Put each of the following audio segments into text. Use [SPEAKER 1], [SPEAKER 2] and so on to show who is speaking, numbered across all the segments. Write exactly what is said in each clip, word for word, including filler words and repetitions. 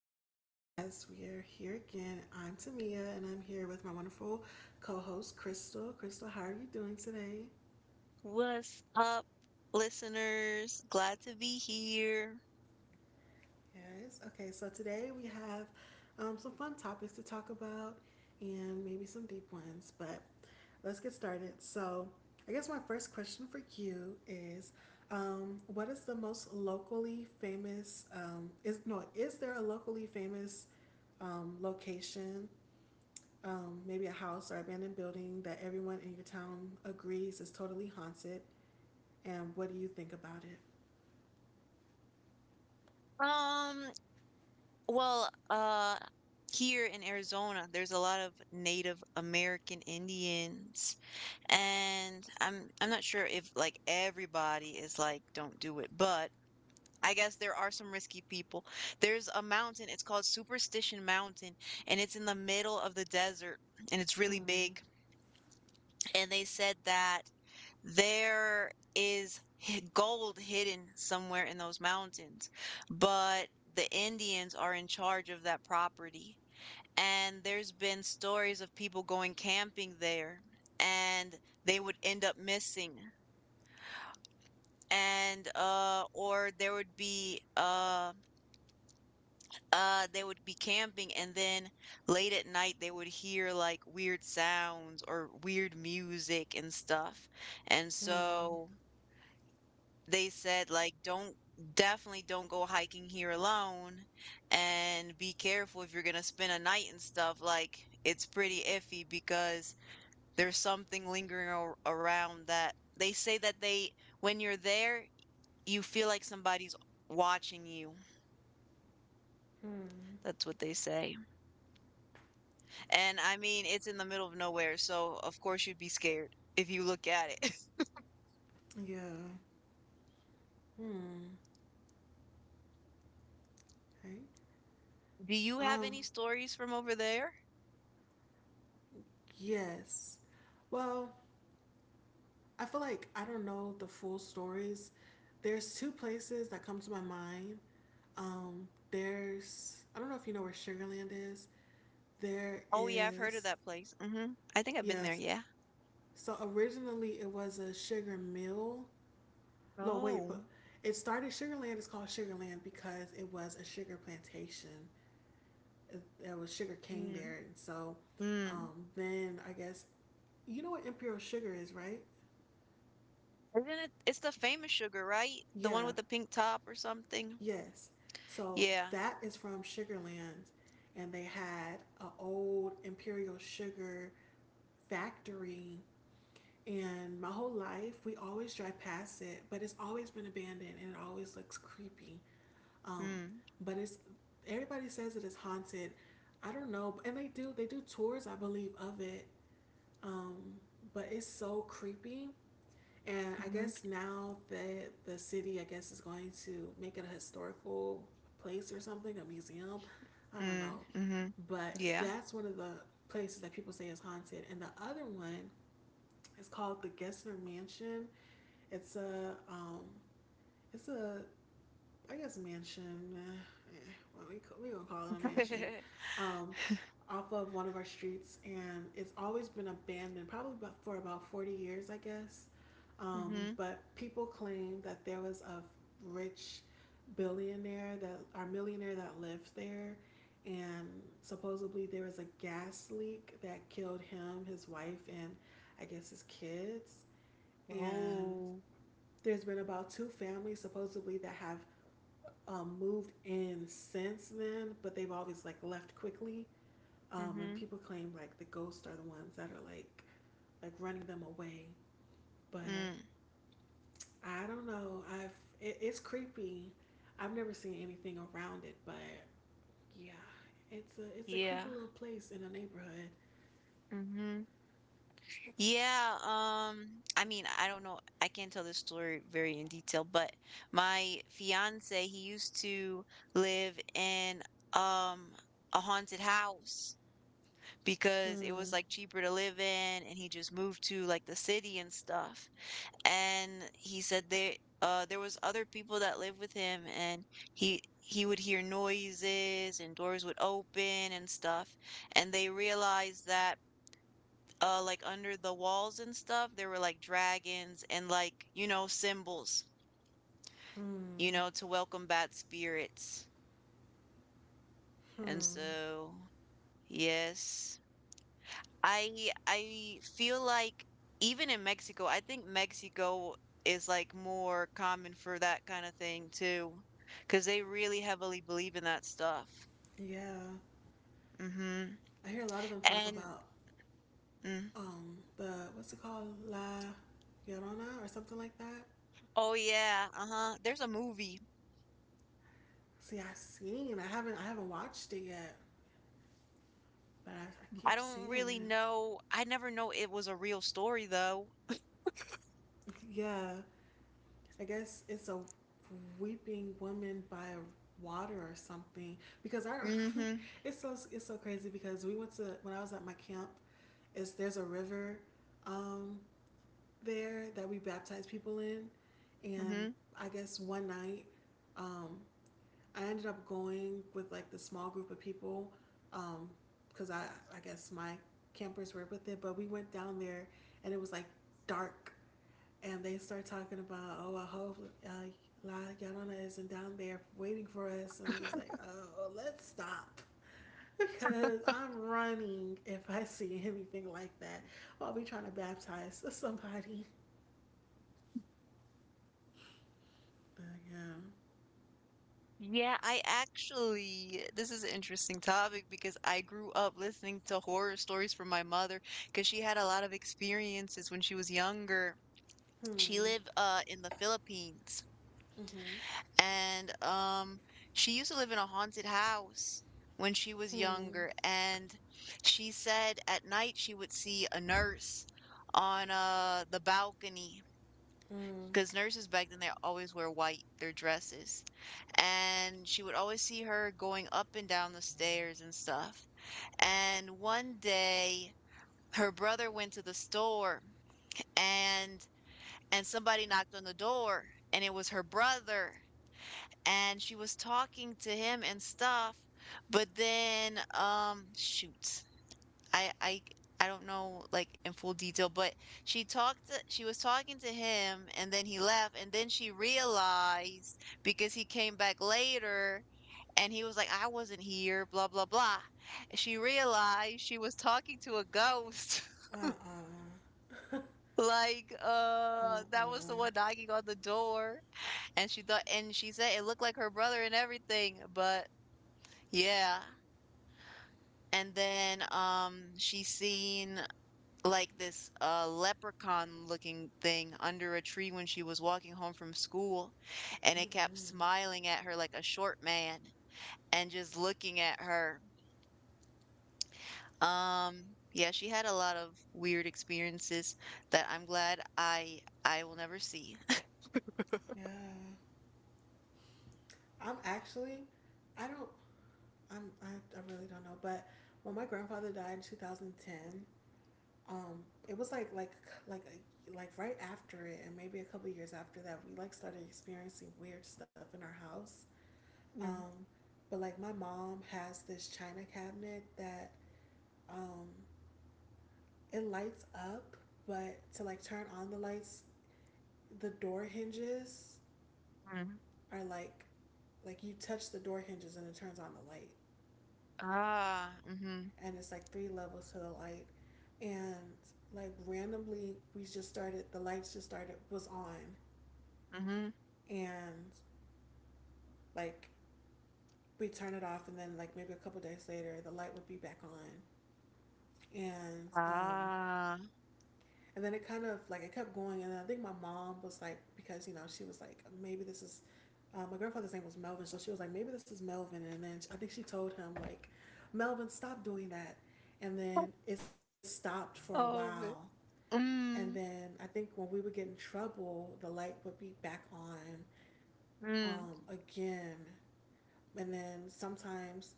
[SPEAKER 1] to my podcast. We are here again. I'm Tamia, and I'm here with my wonderful co host, Crystal. Crystal, how are you doing today?
[SPEAKER 2] What's up, listeners? Glad to be here.
[SPEAKER 1] Yes. Okay, so today we have um, some fun topics to talk about and maybe some deep ones, but let's get started. So, I guess my first question for you is um, what is the most locally famous um, is no is there a locally famous um, location, um, maybe a house or abandoned building that everyone in your town agrees is totally haunted, and what do you think about it?
[SPEAKER 2] Um, well, uh, Here in Arizona, there's a lot of Native American Indians, and I'm I'm not sure if like everybody is like don't do it, but I guess there are some risky people. There's a mountain, it's called Superstition Mountain, and it's in the middle of the desert, and it's really
[SPEAKER 1] Hmm.
[SPEAKER 2] big. And they said that there is hi- gold hidden somewhere in those mountains, but the Indians are in charge of that property. And there's been stories of people going camping there and they would end up missing. And, uh or there would be, uh uh they would be camping, and then late at night they would hear like weird sounds or weird music and stuff. And
[SPEAKER 1] Hmm.
[SPEAKER 2] so they said like don't definitely don't go hiking here alone, and be careful if you're going to spend a night and stuff, like it's pretty iffy because there's something lingering ar- around that. They say that, they when you're there, you feel like somebody's watching you.
[SPEAKER 1] Hmm.
[SPEAKER 2] That's what they say. And I mean, it's in the middle of nowhere, so of course you'd be scared if you look at it.
[SPEAKER 1] Yeah. Hmm. Right.
[SPEAKER 2] Do you have
[SPEAKER 1] Um.
[SPEAKER 2] any stories from over there?
[SPEAKER 1] Yes. Well, I feel like I don't know the full stories. There's two places that come to my mind. Um. There's I don't know if you know where Sugarland is. There
[SPEAKER 2] Oh yeah, I've heard of
[SPEAKER 1] is
[SPEAKER 2] that place. Hmm. I think I've been there.
[SPEAKER 1] yes.
[SPEAKER 2] Yeah.
[SPEAKER 1] So originally it was a sugar mill. No, wait,
[SPEAKER 2] Oh.
[SPEAKER 1] but it started Sugarland. It's called Sugarland because it was a sugar plantation. There was sugar cane
[SPEAKER 2] Mm,
[SPEAKER 1] there, and so
[SPEAKER 2] mm.
[SPEAKER 1] um, then I guess you know what Imperial Sugar is, right?
[SPEAKER 2] Isn't it? It's the famous sugar, right? The one
[SPEAKER 1] Yeah,
[SPEAKER 2] with the pink top or something.
[SPEAKER 1] yes. So
[SPEAKER 2] Yeah.
[SPEAKER 1] that is from Sugarland, and they had an old Imperial Sugar factory. And my whole life, we always drive past it, but it's always been abandoned and it always looks creepy. Um,
[SPEAKER 2] Mm.
[SPEAKER 1] but it's everybody says it is haunted. I don't know, and they do they do tours, I believe, of it. Um, but it's so creepy. And I
[SPEAKER 2] Mm-hmm.
[SPEAKER 1] guess now that the city, I guess, is going to make it a historical place or something, a museum. I don't
[SPEAKER 2] Mm.
[SPEAKER 1] know,
[SPEAKER 2] Mm-hmm.
[SPEAKER 1] but
[SPEAKER 2] Yeah.
[SPEAKER 1] that's one of the places that people say is haunted. And the other one is called the Gessner Mansion. It's a um, it's a I guess mansion. Uh, eh, well, we we gonna call it a mansion. Um, off of one of our streets, and it's always been abandoned, probably about, for about forty years, I guess. Um,
[SPEAKER 2] Mm-hmm.
[SPEAKER 1] but people claim that there was a rich billionaire that or millionaire that lived there, and supposedly there was a gas leak that killed him, his wife, and I guess his kids. And
[SPEAKER 2] Oh.
[SPEAKER 1] there's been about two families supposedly that have um, moved in since then, but they've always like left quickly. Um, and
[SPEAKER 2] Mm-hmm.
[SPEAKER 1] people claim like the ghosts are the ones that are like like running them away. But
[SPEAKER 2] Mm.
[SPEAKER 1] I don't know. I've it, it's creepy. I've never seen anything around it, but yeah, it's a it's a
[SPEAKER 2] Yeah.
[SPEAKER 1] creepy little place in a neighborhood.
[SPEAKER 2] Mm-hmm. Yeah. Um. I mean, I don't know. I can't tell this story very in detail, but my fiance, he used to live in um a haunted house. Because it was
[SPEAKER 1] Hmm.
[SPEAKER 2] like cheaper to live in, and he just moved to like the city and stuff. And he said there uh there was other people that lived with him, and he he would hear noises and doors would open and stuff. And they realized that uh like under the walls and stuff there were like dragons and, like, you know, symbols, you
[SPEAKER 1] Hmm.
[SPEAKER 2] know, to welcome bad spirits. And
[SPEAKER 1] Hmm.
[SPEAKER 2] so, yes. I I feel like even in Mexico, I think Mexico is like more common for that kind of thing too, because they really heavily believe in that stuff.
[SPEAKER 1] Yeah,
[SPEAKER 2] Mm-hmm.
[SPEAKER 1] I hear a lot of them talk
[SPEAKER 2] And,
[SPEAKER 1] about
[SPEAKER 2] mm,
[SPEAKER 1] um the what's it called La Llorona or something like that.
[SPEAKER 2] oh yeah, uh-huh. There's a movie.
[SPEAKER 1] See, I have seen. I haven't. I haven't watched it yet, but I, I
[SPEAKER 2] I
[SPEAKER 1] keep
[SPEAKER 2] don't
[SPEAKER 1] seeing
[SPEAKER 2] really
[SPEAKER 1] it.
[SPEAKER 2] know. I never know it was a real story though.
[SPEAKER 1] Yeah, I guess it's a weeping woman by water or something. Because I,
[SPEAKER 2] Mm-hmm.
[SPEAKER 1] it's so it's so crazy because we went to when I was at my camp. Is there's a river, um, there that we baptize people in, and
[SPEAKER 2] Mm-hmm.
[SPEAKER 1] I guess one night, um, I ended up going with like the small group of people, um, because I, I guess my campers were with it, but we went down there and it was like dark and they start talking about, oh, I hope uh, La Llorona isn't down there waiting for us. And I'm just like, oh, let's stop because I'm running if I see anything like that. I'll be trying to baptize somebody. But yeah.
[SPEAKER 2] Yeah, I actually, this is an interesting topic because I grew up listening to horror stories from my mother, because she had a lot of experiences when she was younger. She
[SPEAKER 1] Hmm.
[SPEAKER 2] lived uh in the Philippines,
[SPEAKER 1] Mm-hmm.
[SPEAKER 2] and um she used to live in a haunted house when she was
[SPEAKER 1] Hmm.
[SPEAKER 2] younger, and she said at night she would see a nurse on uh the balcony.
[SPEAKER 1] Mm.
[SPEAKER 2] 'Cause nurses back then, they always wear white, their dresses. And she would always see her going up and down the stairs and stuff. And one day, her brother went to the store, and and somebody knocked on the door, and it was her brother, and she was talking to him and stuff, but then um shoot, I I I don't know like in full detail, but she talked to, she was talking to him, and then he left, and then she realized, because he came back later and he was like, I wasn't here, blah blah blah. She realized she was talking to a ghost.
[SPEAKER 1] Uh-uh.
[SPEAKER 2] Like, uh, that was the
[SPEAKER 1] Uh-uh.
[SPEAKER 2] one knocking on the door. And she thought, and she said it looked like her brother and everything, but yeah. And then, um, she seen like this uh, leprechaun looking thing under a tree when she was walking home from school, and it kept
[SPEAKER 1] Mm-mm.
[SPEAKER 2] smiling at her like a short man and just looking at her. Um, yeah, she had a lot of weird experiences that I'm glad I I will never see.
[SPEAKER 1] Yeah. I'm actually, I don't, I'm, I, I really don't know, but when my grandfather died in twenty ten, um, it was like, like, like, a, like right after it, and maybe a couple years after that, we like started experiencing weird stuff in our house.
[SPEAKER 2] Mm,
[SPEAKER 1] Um, but like my mom has this china cabinet that um, it lights up, but to like turn on the lights, the door hinges
[SPEAKER 2] mm.
[SPEAKER 1] are like Like you touch the door hinges and it turns on the light.
[SPEAKER 2] Ah, mm-hmm,
[SPEAKER 1] And it's like three levels to the light. And like randomly we just started the lights just started was on,
[SPEAKER 2] mm-hmm,
[SPEAKER 1] and like we turn it off and then like maybe a couple days later the light would be back on. and um
[SPEAKER 2] ah.
[SPEAKER 1] and then it kind of like it kept going, and I think my mom was like, because you know, she was like, maybe this is, uh, my grandfather's name was Melvin, so she was like, maybe this is Melvin. And then I think she told him like, Melvin, stop doing that. And then it stopped for a while.
[SPEAKER 2] Oh, man.
[SPEAKER 1] And
[SPEAKER 2] Mm,
[SPEAKER 1] then I think when we would get in trouble, the light would be back on,
[SPEAKER 2] mm,
[SPEAKER 1] um, again. And then sometimes,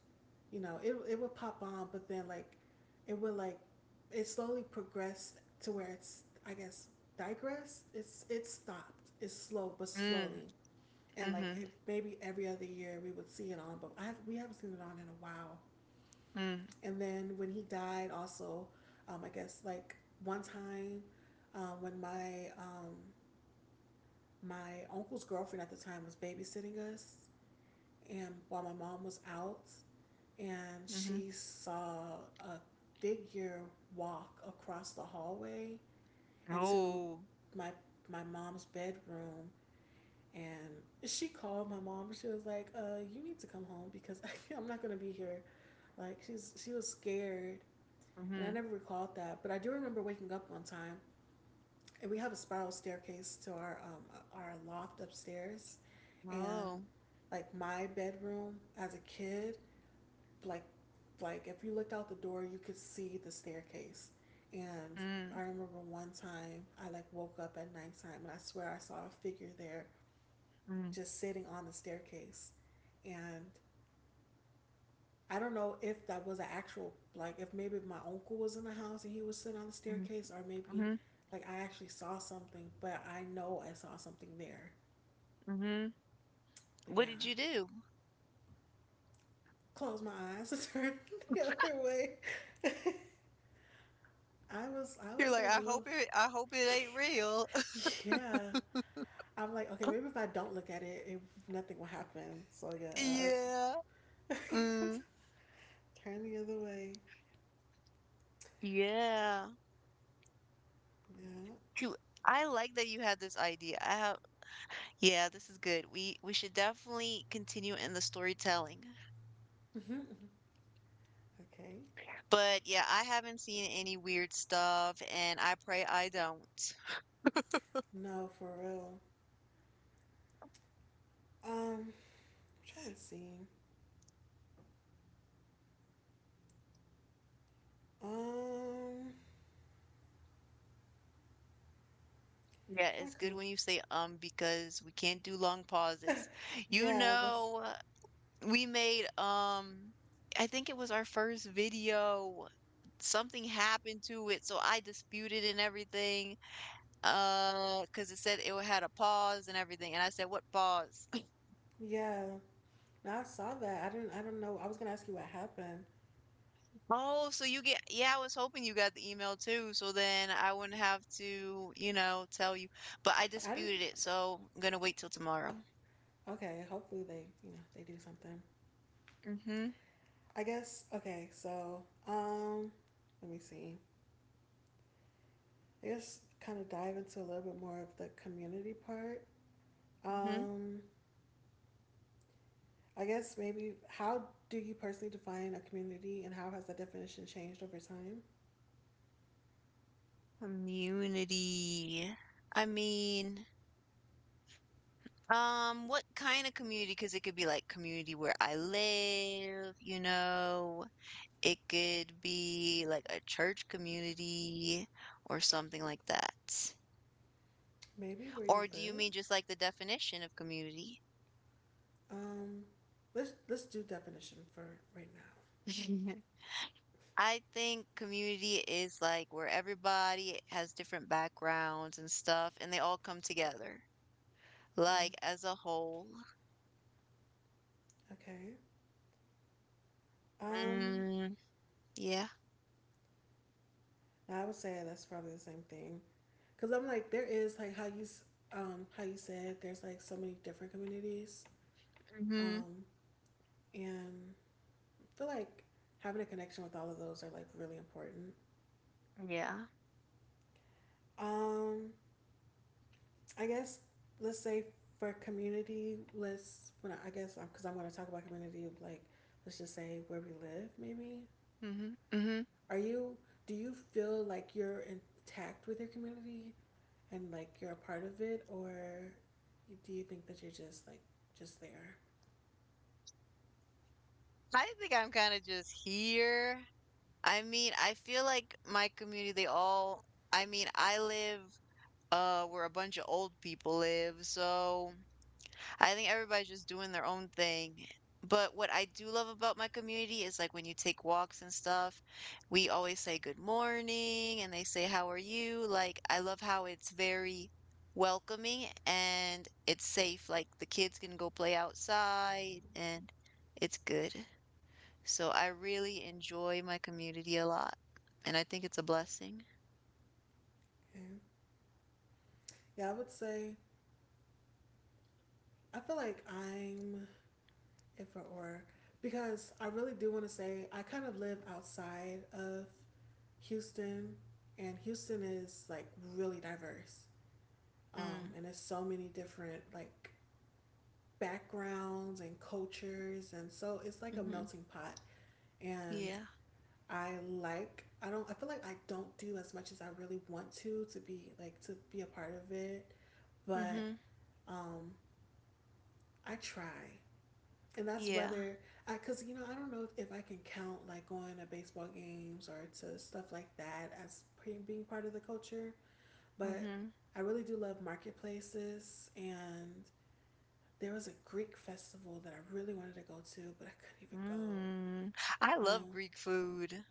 [SPEAKER 1] you know, it it would pop on, but then like it would like it slowly progressed to where it's, I guess, digressed. It's it stopped. It's slow but
[SPEAKER 2] mm,
[SPEAKER 1] slowly. And like
[SPEAKER 2] mm-hmm,
[SPEAKER 1] it, maybe every other year we would see it on, but I have we haven't seen it on in a while.
[SPEAKER 2] mm,
[SPEAKER 1] And then when he died, also, um, I guess like one time, um, when my um, my uncle's girlfriend at the time was babysitting us, and while my mom was out, and
[SPEAKER 2] mm-hmm,
[SPEAKER 1] she saw a figure walk across the hallway into
[SPEAKER 2] oh,
[SPEAKER 1] my my mom's bedroom, and she called my mom. She was like, uh you need to come home because I'm not going to be here. like she's she was scared. And I
[SPEAKER 2] mm-hmm,
[SPEAKER 1] never recalled that, but I do remember waking up one time. And we have a spiral staircase to our um our loft upstairs. And
[SPEAKER 2] oh.
[SPEAKER 1] like my bedroom as a kid, like like if you looked out the door you could see the staircase. And
[SPEAKER 2] Mm,
[SPEAKER 1] I remember one time I like woke up at nighttime and I swear I saw a figure there,
[SPEAKER 2] mm,
[SPEAKER 1] just sitting on the staircase. And I don't know if that was an actual, like if maybe my uncle was in the house and he was sitting on the
[SPEAKER 2] mm,
[SPEAKER 1] staircase, or maybe
[SPEAKER 2] mhm,
[SPEAKER 1] like I actually saw something. But I know I saw something there.
[SPEAKER 2] mhm.
[SPEAKER 1] But
[SPEAKER 2] What
[SPEAKER 1] yeah,
[SPEAKER 2] did you do?
[SPEAKER 1] close my eyes and turn the other way. i was I
[SPEAKER 2] You're
[SPEAKER 1] was
[SPEAKER 2] like,
[SPEAKER 1] like a
[SPEAKER 2] I
[SPEAKER 1] little.
[SPEAKER 2] hope it I hope it ain't real.
[SPEAKER 1] Yeah, I'm like, okay, maybe if I don't look at it, it nothing will happen. So yeah,
[SPEAKER 2] Yeah. Mm,
[SPEAKER 1] turn the other way.
[SPEAKER 2] yeah.
[SPEAKER 1] Yeah.
[SPEAKER 2] You, I like that you had this idea. I have Yeah, this is good. We we should definitely continue in the storytelling.
[SPEAKER 1] Okay.
[SPEAKER 2] But yeah, I haven't seen any weird stuff, and I pray I don't.
[SPEAKER 1] No, for real. Um, I'm trying to see. Um,
[SPEAKER 2] Yeah,
[SPEAKER 1] I'm trying
[SPEAKER 2] it's
[SPEAKER 1] to come
[SPEAKER 2] good
[SPEAKER 1] up.
[SPEAKER 2] when you say um because we can't do long pauses. You
[SPEAKER 1] Yeah, that's
[SPEAKER 2] know, we made, um, I think it was our first video. Something happened to it, so I disputed and everything. Uh, because it said it had a pause and everything, and I said, "What pause?"
[SPEAKER 1] yeah. No, I saw that. I didn't. I don't know. I was gonna ask you what happened.
[SPEAKER 2] Oh, so you get, yeah, I was hoping you got the email too, so then I wouldn't have to, you know, tell you. But I
[SPEAKER 1] I didn't.
[SPEAKER 2] disputed it, so I'm gonna wait till tomorrow.
[SPEAKER 1] Okay. Hopefully they, you know, they do something.
[SPEAKER 2] Mm-hmm.
[SPEAKER 1] I guess. Okay. So, um, let me see. I guess kind of dive into a little bit more of the community part.
[SPEAKER 2] Mm-hmm.
[SPEAKER 1] Um, I guess maybe how do you personally define a community, and how has that definition changed over time?
[SPEAKER 2] Community. I mean. Um, what kind of community? Because it could be like community where I live, you know. It could be like a church community or something like that.
[SPEAKER 1] Maybe where you
[SPEAKER 2] Or do you
[SPEAKER 1] live.
[SPEAKER 2] mean just like the definition of community?
[SPEAKER 1] Um, let's let's do definition for right now.
[SPEAKER 2] I think community is like where everybody has different backgrounds and stuff, and they all come together,
[SPEAKER 1] Mm,
[SPEAKER 2] like as a whole.
[SPEAKER 1] okay. Um,
[SPEAKER 2] Mm, yeah.
[SPEAKER 1] I would say that's probably the same thing, because I'm like there is like how you s- um how you said there's like so many different communities.
[SPEAKER 2] Mm-hmm.
[SPEAKER 1] Um, and I feel like having a connection with all of those are like really important.
[SPEAKER 2] Yeah.
[SPEAKER 1] Um, I guess let's say for community, let's when I, I guess because I'm going to talk about community, like let's just say where we live. Maybe,
[SPEAKER 2] Mm-hmm. Mm-hmm.
[SPEAKER 1] are you? Do you feel like you're intact with your community and like you're a part of it, or do you think that you're just like just there?
[SPEAKER 2] I think I'm kind of just here. I mean, I feel like my community, they all, I mean, I live uh where a bunch of old people live, so I think everybody's just doing their own thing. But what I do love about my community is like when you take walks and stuff, we always say good morning and they say how are you? Like I love how it's very welcoming and it's safe. Like the kids can go play outside, and it's good. So I really enjoy my community a lot, and I think it's a blessing.
[SPEAKER 1] Yeah, yeah. I would say I feel like I'm if or or because I really do want to say I kind of live outside of Houston, and Houston is like really diverse. um,
[SPEAKER 2] Mm,
[SPEAKER 1] and it's so many different like backgrounds and cultures, and so it's like a
[SPEAKER 2] mhm.
[SPEAKER 1] melting pot. And
[SPEAKER 2] Yeah.
[SPEAKER 1] I like I don't I feel like I don't do as much as I really want to to be like to be a part of it, but
[SPEAKER 2] Mhm.
[SPEAKER 1] um, I try. And that's
[SPEAKER 2] Yeah.
[SPEAKER 1] whether I, cause you know I don't know if I can count like going to baseball games or to stuff like that as being part of the culture, but
[SPEAKER 2] Mhm.
[SPEAKER 1] I really do love marketplaces. And there was a Greek festival that I really wanted to go to, but I couldn't even go.
[SPEAKER 2] Mm. I love
[SPEAKER 1] Um,
[SPEAKER 2] Greek food.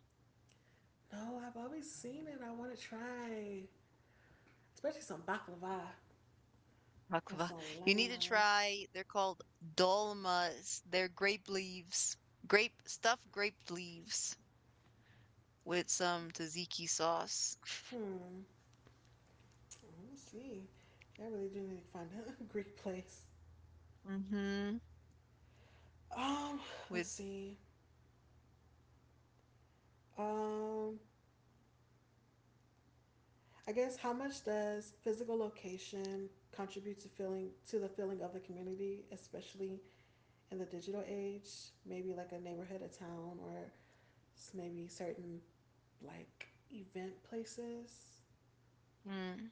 [SPEAKER 1] no, I've always seen it. I want to try, especially some baklava and
[SPEAKER 2] Baklava.
[SPEAKER 1] some
[SPEAKER 2] You need to
[SPEAKER 1] lamb.
[SPEAKER 2] try. They're called dolmas. They're grape leaves. Grape stuffed grape leaves with some tzatziki sauce.
[SPEAKER 1] Hmm. Let me see. I really do need to find a Greek place.
[SPEAKER 2] Mhm.
[SPEAKER 1] Um, let's
[SPEAKER 2] With
[SPEAKER 1] see. Um, I guess how much does physical location contribute to feeling to the feeling of the community, especially in the digital age? Maybe like a neighborhood, a town, or maybe certain like event places.
[SPEAKER 2] mm.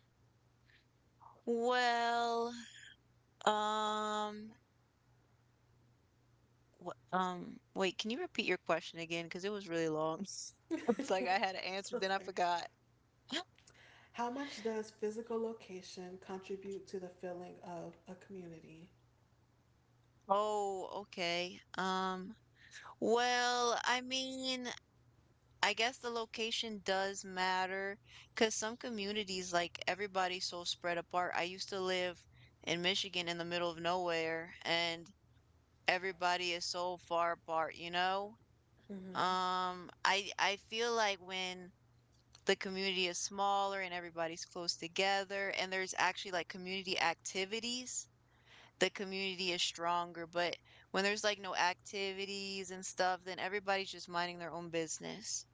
[SPEAKER 2] Well, um, Wha um, wait, can you repeat your question again? Because it was really long. It's like I had an answer, then I forgot.
[SPEAKER 1] How much does physical location contribute to the feeling of a community?
[SPEAKER 2] Oh, okay. Um, well, I mean, I guess the location does matter, because some communities, like everybody's so spread apart. I used to live in Michigan in the middle of nowhere, and everybody is so far apart, you know?
[SPEAKER 1] Mm-hmm.
[SPEAKER 2] Um, I I feel like when the community is smaller and everybody's close together and there's actually like community activities, the community is stronger, but when there's like no activities and stuff, then everybody's just minding their own business.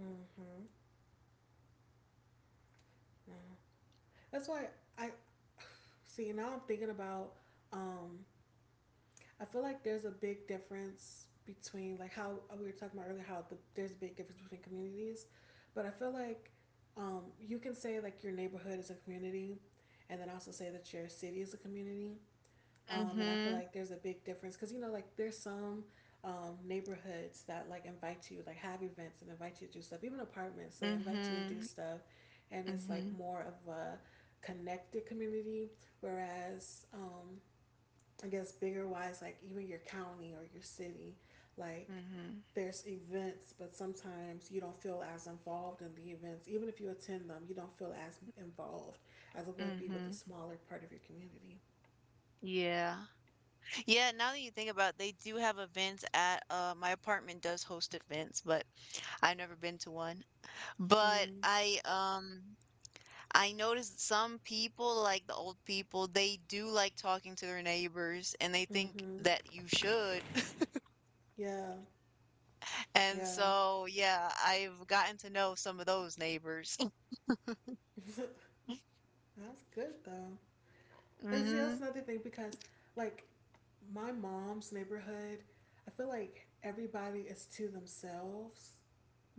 [SPEAKER 1] Mm-hmm. No. That's why I see now I'm thinking about um I feel like there's a big difference between like how we were talking about earlier how the, there's a big difference between communities, but I feel like um you can say like your neighborhood is a community and then also say that your city is a community. Um, and I feel
[SPEAKER 2] Mhm.
[SPEAKER 1] like there's a big difference because you know, like there's some um, neighborhoods that like invite you, like have events and invite you to do stuff. Even apartments, they invite you to do
[SPEAKER 2] Mhm.
[SPEAKER 1] stuff, and it's like
[SPEAKER 2] Mhm.
[SPEAKER 1] more of a connected community. Whereas um, I guess bigger wise, like even your county or your city, like
[SPEAKER 2] Mhm.
[SPEAKER 1] there's events, but sometimes you don't feel as involved in the events. Even if you attend them, you don't feel as involved as it would be with a
[SPEAKER 2] Mhm.
[SPEAKER 1] smaller part of your community.
[SPEAKER 2] Yeah, yeah, now that you think about it, they do have events at, uh my apartment does host events, but I've never been to one. But I um I noticed some people, like the old people, they do like talking to their neighbors and they think that
[SPEAKER 1] Mm-hmm.
[SPEAKER 2] you should.
[SPEAKER 1] Yeah,
[SPEAKER 2] And
[SPEAKER 1] yeah,
[SPEAKER 2] so, yeah, I've gotten to know some of those neighbors.
[SPEAKER 1] that's good though. And see,
[SPEAKER 2] Mm-hmm.
[SPEAKER 1] that's another thing because, like, my mom's neighborhood, I feel like everybody is to themselves,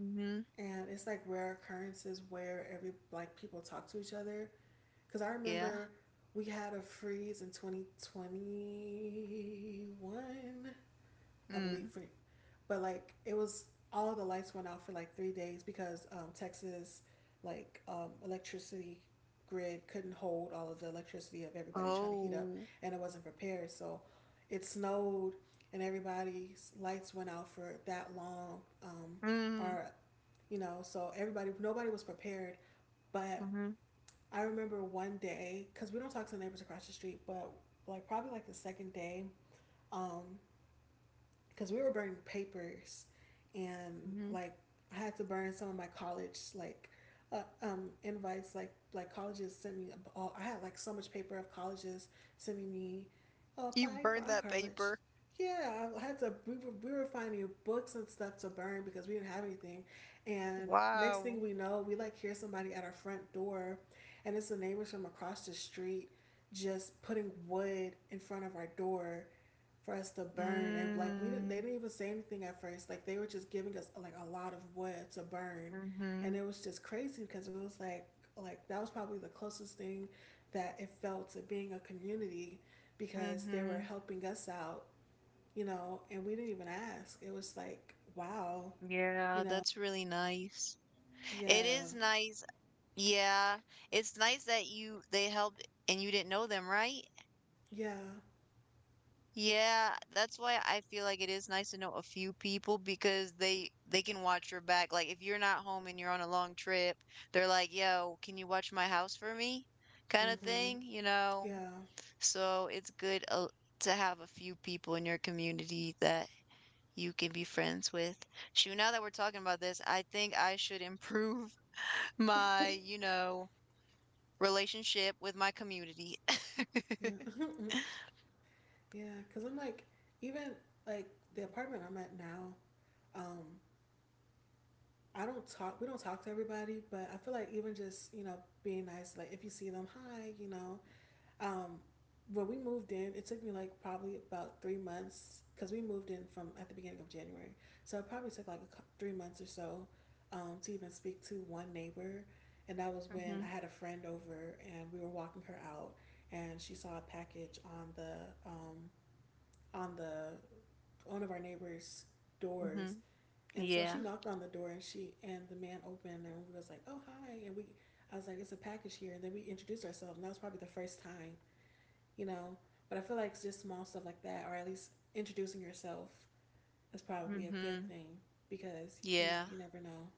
[SPEAKER 2] Mm-hmm.
[SPEAKER 1] and it's like rare occurrences where every like people talk to each other. Because I
[SPEAKER 2] Yeah.
[SPEAKER 1] remember we had a freeze in twenty twenty-one, I believe.
[SPEAKER 2] Mm.
[SPEAKER 1] For, but like it was all the lights went out for like three days because um, Texas like um, electricity grid couldn't hold all of the electricity of everybody trying to heat up
[SPEAKER 2] Oh.
[SPEAKER 1] and it wasn't prepared. So it snowed and everybody's lights went out for that long. Um,
[SPEAKER 2] Mm.
[SPEAKER 1] or you know, so everybody nobody was prepared. But
[SPEAKER 2] Mm-hmm.
[SPEAKER 1] I remember one day because we don't talk to the neighbors across the street, but like probably like the second day, um, because we were burning papers and
[SPEAKER 2] Mm-hmm.
[SPEAKER 1] like I had to burn some of my college like uh, um, invites like like colleges sent me. Oh, I had like so much paper of colleges sending me, oh,
[SPEAKER 2] You
[SPEAKER 1] apply for
[SPEAKER 2] burned
[SPEAKER 1] our
[SPEAKER 2] that
[SPEAKER 1] college.
[SPEAKER 2] paper.
[SPEAKER 1] Yeah, I had to. We were, we were finding books and stuff to burn because we didn't have anything. And next
[SPEAKER 2] Wow.
[SPEAKER 1] thing we know, we like hear somebody at our front door, and it's the neighbors from across the street just putting wood in front of our door for us to burn. And like we didn't, they
[SPEAKER 2] Mm.
[SPEAKER 1] didn't even say anything at first. Like they were just giving us like a lot of wood to burn,
[SPEAKER 2] Mm-hmm.
[SPEAKER 1] and it was just crazy because it was like like that was probably the closest thing that it felt to being a community because they were
[SPEAKER 2] Mm-hmm.
[SPEAKER 1] helping us out, you know, and we didn't even ask. It was like, wow, you
[SPEAKER 2] Yeah,
[SPEAKER 1] know,
[SPEAKER 2] that's really nice. It
[SPEAKER 1] yeah,
[SPEAKER 2] is nice. Yeah, it's nice that you they helped and you didn't know them, right?
[SPEAKER 1] yeah,
[SPEAKER 2] Yeah, that's why I feel like it is nice to know a few people, because they they can watch your back. Like if you're not home and you're on a long trip, they're like, "Yo, can you watch my house for me?" kind of
[SPEAKER 1] mm-hmm,
[SPEAKER 2] thing, you know.
[SPEAKER 1] yeah,
[SPEAKER 2] So it's good, uh, to have a few people in your community that you can be friends with. Shoot, now that we're talking about this, I think I should improve my, you know, relationship with my community.
[SPEAKER 1] yeah, yeah. Because I'm like, even like the apartment I'm at now, um, I don't talk. We don't talk to everybody, but I feel like even just you know being nice, like if you see them, hi, you know. Um, when we moved in, it took me like probably about three months because we moved in from at the beginning of January. So it probably took like a, three months or so um, to even speak to one neighbor. And that was when I
[SPEAKER 2] Mhm.
[SPEAKER 1] had a friend over and we were walking her out and she saw a package on the um, on the one of our neighbors' doors.
[SPEAKER 2] Mhm.
[SPEAKER 1] And so she
[SPEAKER 2] Yeah.
[SPEAKER 1] knocked on the door and she and the man opened and we was like, "Oh, hi." And we I was like, "It's a package here." And then we introduced ourselves. And that was probably the first time, you know. But I feel like it's just small stuff like that, or at least introducing yourself is probably a good
[SPEAKER 2] Mhm.
[SPEAKER 1] thing because you know
[SPEAKER 2] Yeah.
[SPEAKER 1] you never know.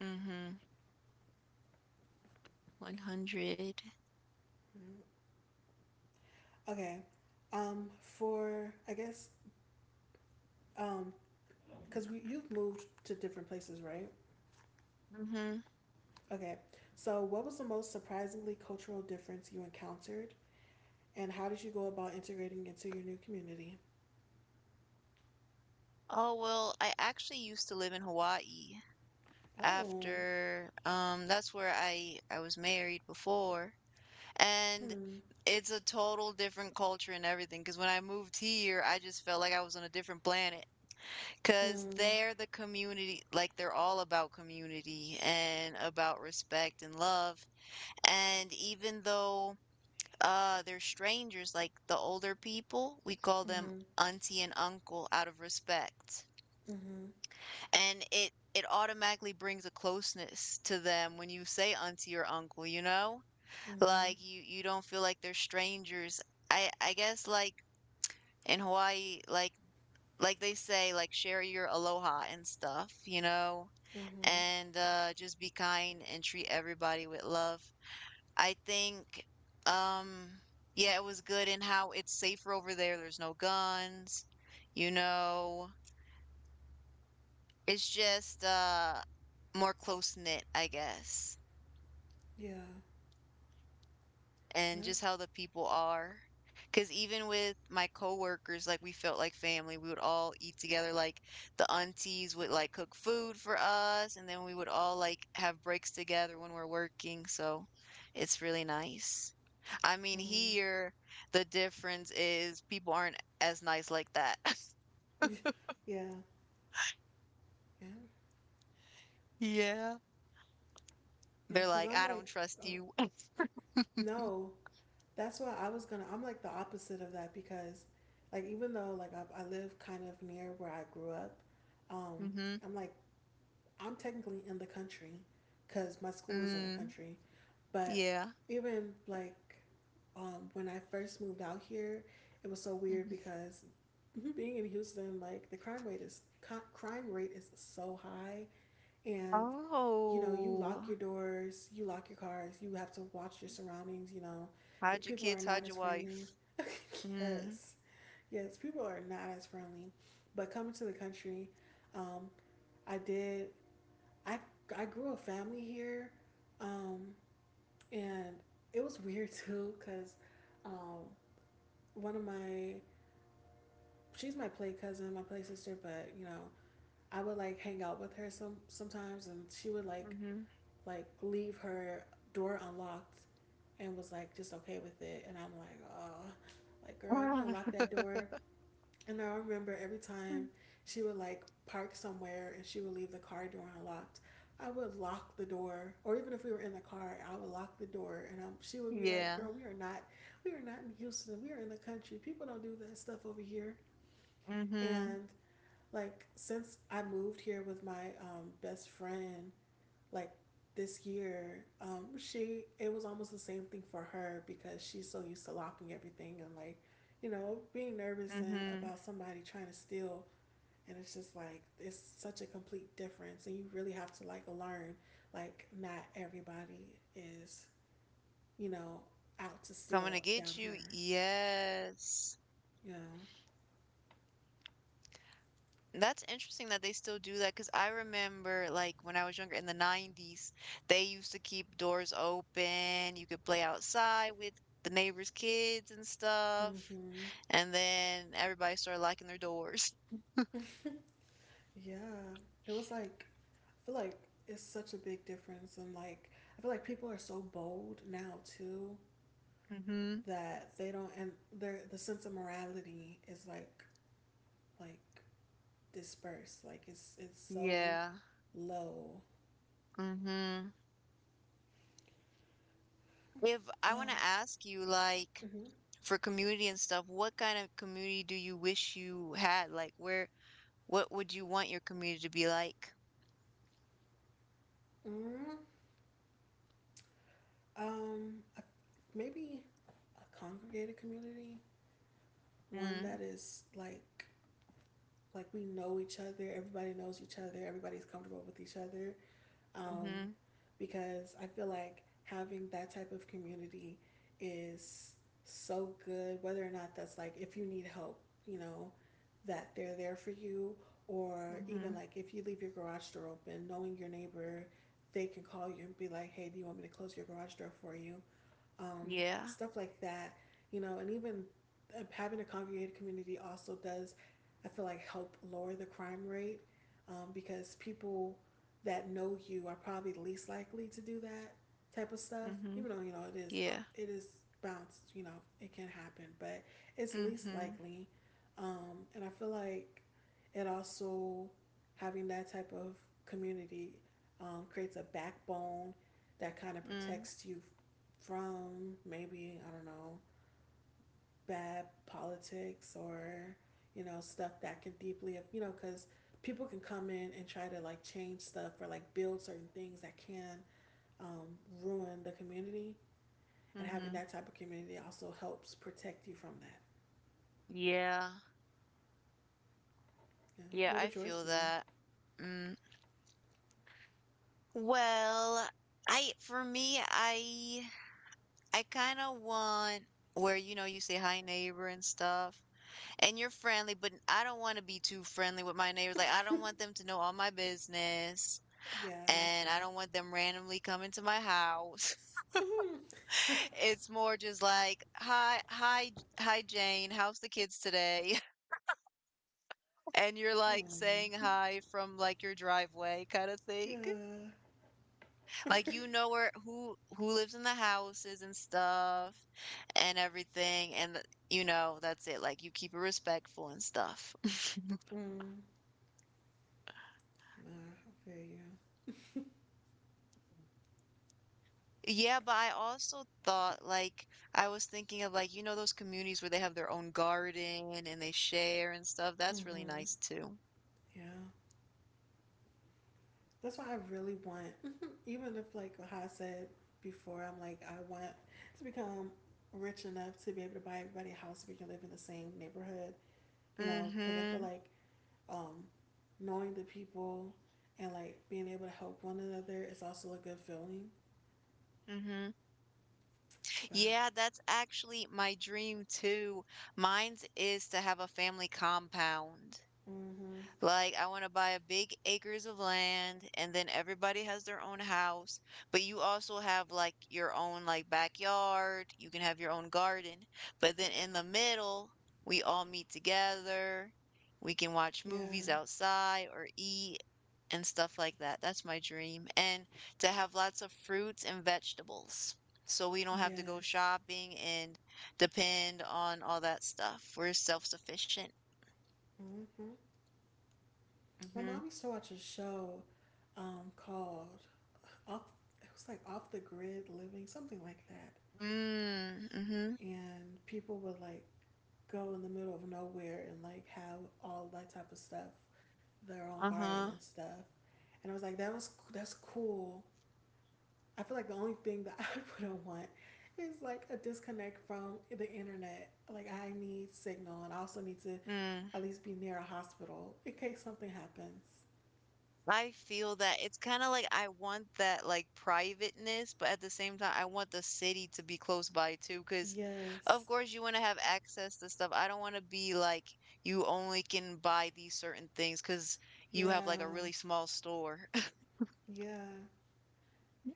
[SPEAKER 2] Mhm. one hundred.
[SPEAKER 1] Mm-hmm. Okay, um, for I guess um, because we you've moved to different places, right?
[SPEAKER 2] Mhm.
[SPEAKER 1] Okay, so what was the most surprisingly cultural difference you encountered, and how did you go about integrating into your new community?
[SPEAKER 2] Oh, well, I actually used to live in Hawaii
[SPEAKER 1] Oh,
[SPEAKER 2] after um that's where I I was married before. And
[SPEAKER 1] hmm,
[SPEAKER 2] it's a total different culture and everything, because when I moved here, I just felt like I was on a different planet, because
[SPEAKER 1] hmm,
[SPEAKER 2] they're the community, like they're all about community and about respect and love. And even though uh they're strangers, like the older people, we call them
[SPEAKER 1] hmm,
[SPEAKER 2] auntie and uncle out of respect.
[SPEAKER 1] hmm,
[SPEAKER 2] And it it automatically brings a closeness to them when you say auntie or uncle, you know?
[SPEAKER 1] hmm,
[SPEAKER 2] Like you you don't feel like they're strangers. I I guess like in Hawaii, like, like they say, like share your aloha and stuff, you know?
[SPEAKER 1] hmm.
[SPEAKER 2] And uh just be kind and treat everybody with love. I think, um, yeah, it was good in how it's safer over there. There's no guns, you know. It's just uh more close knit, I guess.
[SPEAKER 1] Yeah,
[SPEAKER 2] And just
[SPEAKER 1] nev-
[SPEAKER 2] how the people are. Because even with my coworkers, like we felt like family. We would all eat together. Like the aunties would like cook food for us, and then we would all like have breaks together when we're working. So it's really nice. I mean,
[SPEAKER 1] hmm.
[SPEAKER 2] here the difference is people aren't as nice like that.
[SPEAKER 1] Yeah, yeah,
[SPEAKER 2] Yeah.
[SPEAKER 1] yeah,
[SPEAKER 2] They're
[SPEAKER 1] because
[SPEAKER 2] like,
[SPEAKER 1] I'm
[SPEAKER 2] I
[SPEAKER 1] like,
[SPEAKER 2] don't trust
[SPEAKER 1] oh,
[SPEAKER 2] you.
[SPEAKER 1] no, that's why I was gonna. I'm like the opposite of that because, like, even though like I, I live kind of near where I grew up, um,
[SPEAKER 2] Mm-hmm.
[SPEAKER 1] I'm like I'm technically in the country, because my school is in the
[SPEAKER 2] Mm,
[SPEAKER 1] country. But
[SPEAKER 2] yeah.
[SPEAKER 1] even like, um, when I first moved out here, it was so weird
[SPEAKER 2] Hmm.
[SPEAKER 1] because being in Houston, like the crime rate is co- crime rate is so high, and you know, you
[SPEAKER 2] Oh,
[SPEAKER 1] lock your doors, you lock your cars, you have to watch your surroundings, you know. Your
[SPEAKER 2] how'd your
[SPEAKER 1] people are
[SPEAKER 2] kids?
[SPEAKER 1] not
[SPEAKER 2] How'd your
[SPEAKER 1] as friendly.
[SPEAKER 2] wife? Mhm,
[SPEAKER 1] Yes. Yes, people are not as friendly. But coming to the country, um, I did I I grew a family here. Um, and it was weird too cuz um one of my she's my play cousin, my play sister, but you know, I would like hang out with her some sometimes and she would like
[SPEAKER 2] mhm.
[SPEAKER 1] like leave her door unlocked and was like just okay with it and I'm like, oh, like girl if you unlock that door. And I remember every time she would like park somewhere and she would leave the car door unlocked, I would lock the door, or even if we were in the car I would lock the door, and I am she would be like,
[SPEAKER 2] Yeah.
[SPEAKER 1] girl we are not, we are not in Houston, we are in the country, people don't do that stuff over here.
[SPEAKER 2] Mhm,
[SPEAKER 1] And like since I moved here with my um, best friend like this year, um, she it was almost the same thing for her because she's so used to locking everything and like, you know, being nervous and
[SPEAKER 2] mhm.
[SPEAKER 1] about somebody trying to steal, and it's just like it's such a complete difference and you really have to like learn like not everybody is, you know, out to
[SPEAKER 2] Coming to
[SPEAKER 1] steal down
[SPEAKER 2] get you,
[SPEAKER 1] here.
[SPEAKER 2] yes.
[SPEAKER 1] Yeah.
[SPEAKER 2] That's interesting that they still do that. Cause I remember, like, when I was younger in the nineties, they used to keep doors open, you could play outside with the neighbors' kids and stuff,
[SPEAKER 1] Mhm.
[SPEAKER 2] and then everybody started locking their doors.
[SPEAKER 1] It was like I feel like it's such a big difference and like I feel like people are so bold now too
[SPEAKER 2] Mhm.
[SPEAKER 1] that they don't and their the sense of morality is like like dispersed, like it's it's so
[SPEAKER 2] Yeah.
[SPEAKER 1] low.
[SPEAKER 2] Mhm. If I wanna
[SPEAKER 1] Oh,
[SPEAKER 2] ask you, like,
[SPEAKER 1] mm-hmm.
[SPEAKER 2] for community and stuff, what kind of community do you wish you had? Like, where, what would you want your community to be like?
[SPEAKER 1] Mm-hmm. um a, maybe a congregated community, one
[SPEAKER 2] Mm,
[SPEAKER 1] that is like like we know each other, everybody knows each other, everybody's comfortable with each other, um,
[SPEAKER 2] mm-hmm,
[SPEAKER 1] because I feel like having that type of community is so good, whether or not that's like if you need help, you know, that they're there for you, or
[SPEAKER 2] mm-hmm,
[SPEAKER 1] even like if you leave your garage door open, knowing your neighbor, they can call you and be like, hey, do you want me to close your garage door for you? um,
[SPEAKER 2] yeah,
[SPEAKER 1] Stuff like that, you know, and even uh, having a congregated community also does, I feel like, help lower the crime rate, um, because people that know you are probably least likely to do that type of stuff.
[SPEAKER 2] mm-hmm,
[SPEAKER 1] Even though you know it is, uh,
[SPEAKER 2] yeah,
[SPEAKER 1] it is bounced. You know, it can happen, but it's least
[SPEAKER 2] mm-hmm,
[SPEAKER 1] likely. Um, and I feel like it also having that type of community um, creates a backbone that kind of
[SPEAKER 2] mm,
[SPEAKER 1] protects you from maybe, I don't know, bad politics or, you know, stuff that can deeply, you know, because people can come in and try to like change stuff or like build certain things that can um, ruin the community. And having
[SPEAKER 2] mm-hmm,
[SPEAKER 1] that type of community also helps protect you from that.
[SPEAKER 2] yeah,
[SPEAKER 1] Yeah.
[SPEAKER 2] yeah,
[SPEAKER 1] What
[SPEAKER 2] I
[SPEAKER 1] would yours
[SPEAKER 2] feel
[SPEAKER 1] be?
[SPEAKER 2] that. Mm. Well, I, for me, I, I kind of want where, you know, you say hi neighbor and stuff and you're friendly, but I don't want to be too friendly with my neighbors. Like, I don't want them to know all my business.
[SPEAKER 1] Yeah, that's
[SPEAKER 2] And
[SPEAKER 1] true.
[SPEAKER 2] I don't want them randomly coming to my house. It's more just like, "Hi, hi, hi, Jane. How's the kids today?" And you're
[SPEAKER 1] I
[SPEAKER 2] like
[SPEAKER 1] don't know
[SPEAKER 2] saying
[SPEAKER 1] you.
[SPEAKER 2] hi from like your driveway kind of thing.
[SPEAKER 1] Yeah.
[SPEAKER 2] Like you know where who who lives in the houses and stuff and everything and th- you know, that's it. Like you keep it respectful and stuff.
[SPEAKER 1] Mm. Nah, I feel you.
[SPEAKER 2] Yeah, but I also thought like I was thinking of like you know those communities where they have their own garden and they share and stuff. That's really
[SPEAKER 1] Mm-hmm.
[SPEAKER 2] nice too.
[SPEAKER 1] Yeah. That's what I really want. Mm-hmm. Even if, like how I said before, I'm like, I want to become rich enough to be able to buy everybody a house so we can live in the same neighborhood, you know, because I feel
[SPEAKER 2] Mm-hmm.
[SPEAKER 1] like um, knowing the people and like being able to help one another is also a good feeling.
[SPEAKER 2] Mm-hmm.
[SPEAKER 1] But,
[SPEAKER 2] Yeah, that's actually my dream too. Mine's is to have a family compound.
[SPEAKER 1] mm-hmm,
[SPEAKER 2] Like, I want to buy a big acres of land, and then everybody has their own house, but you also have like your own like backyard, you can have your own garden, but then in the middle, we all meet together. We can watch movies
[SPEAKER 1] yeah,
[SPEAKER 2] outside or eat and stuff like that. That's my dream. And to have lots of fruits and vegetables. So we don't have to go
[SPEAKER 1] yes.
[SPEAKER 2] shopping and depend on all that stuff. We're self-sufficient.
[SPEAKER 1] Mm-hmm. My
[SPEAKER 2] Mm-hmm.
[SPEAKER 1] mom used to watch a show um, called Off, it was like Off the Grid Living, something like that.
[SPEAKER 2] Mm, mm-hmm.
[SPEAKER 1] And people would like go in the middle of nowhere and like have all that type of stuff, their own garden
[SPEAKER 2] Uh-huh.
[SPEAKER 1] and stuff. And I was like, that was that's cool. I feel like the only thing that I wouldn't want is like a disconnect from the internet. Like I need signal and I also need to
[SPEAKER 2] Mm.
[SPEAKER 1] at least be near a hospital in case something happens.
[SPEAKER 2] I feel that it's kind of like I want that like privateness, but at the same time, I want the city to be close by too, because of
[SPEAKER 1] Yes.
[SPEAKER 2] course you want to have access to stuff. I don't want to be like you only can buy these certain things because you have like a
[SPEAKER 1] Yeah.
[SPEAKER 2] really small store.
[SPEAKER 1] Yeah.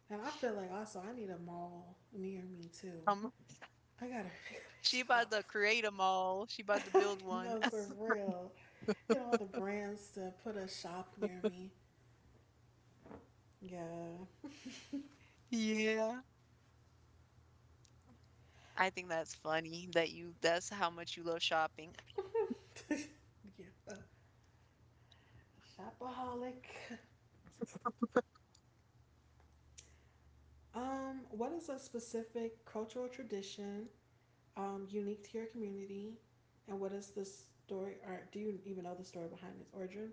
[SPEAKER 1] And I feel like also I need a mall near me too.
[SPEAKER 2] Um,
[SPEAKER 1] I gotta, I gotta
[SPEAKER 2] she about
[SPEAKER 1] shop.
[SPEAKER 2] to create a mall. She about to build one.
[SPEAKER 1] No, for real. Get all the brands to put a shop near me. Yeah,
[SPEAKER 2] Yeah. I think that's funny that you that's how much you love shopping.
[SPEAKER 1] yeah. Uh, shopaholic. Um, what is a specific cultural tradition um, unique to your community, and what is the story, or do you even know the story behind its origin?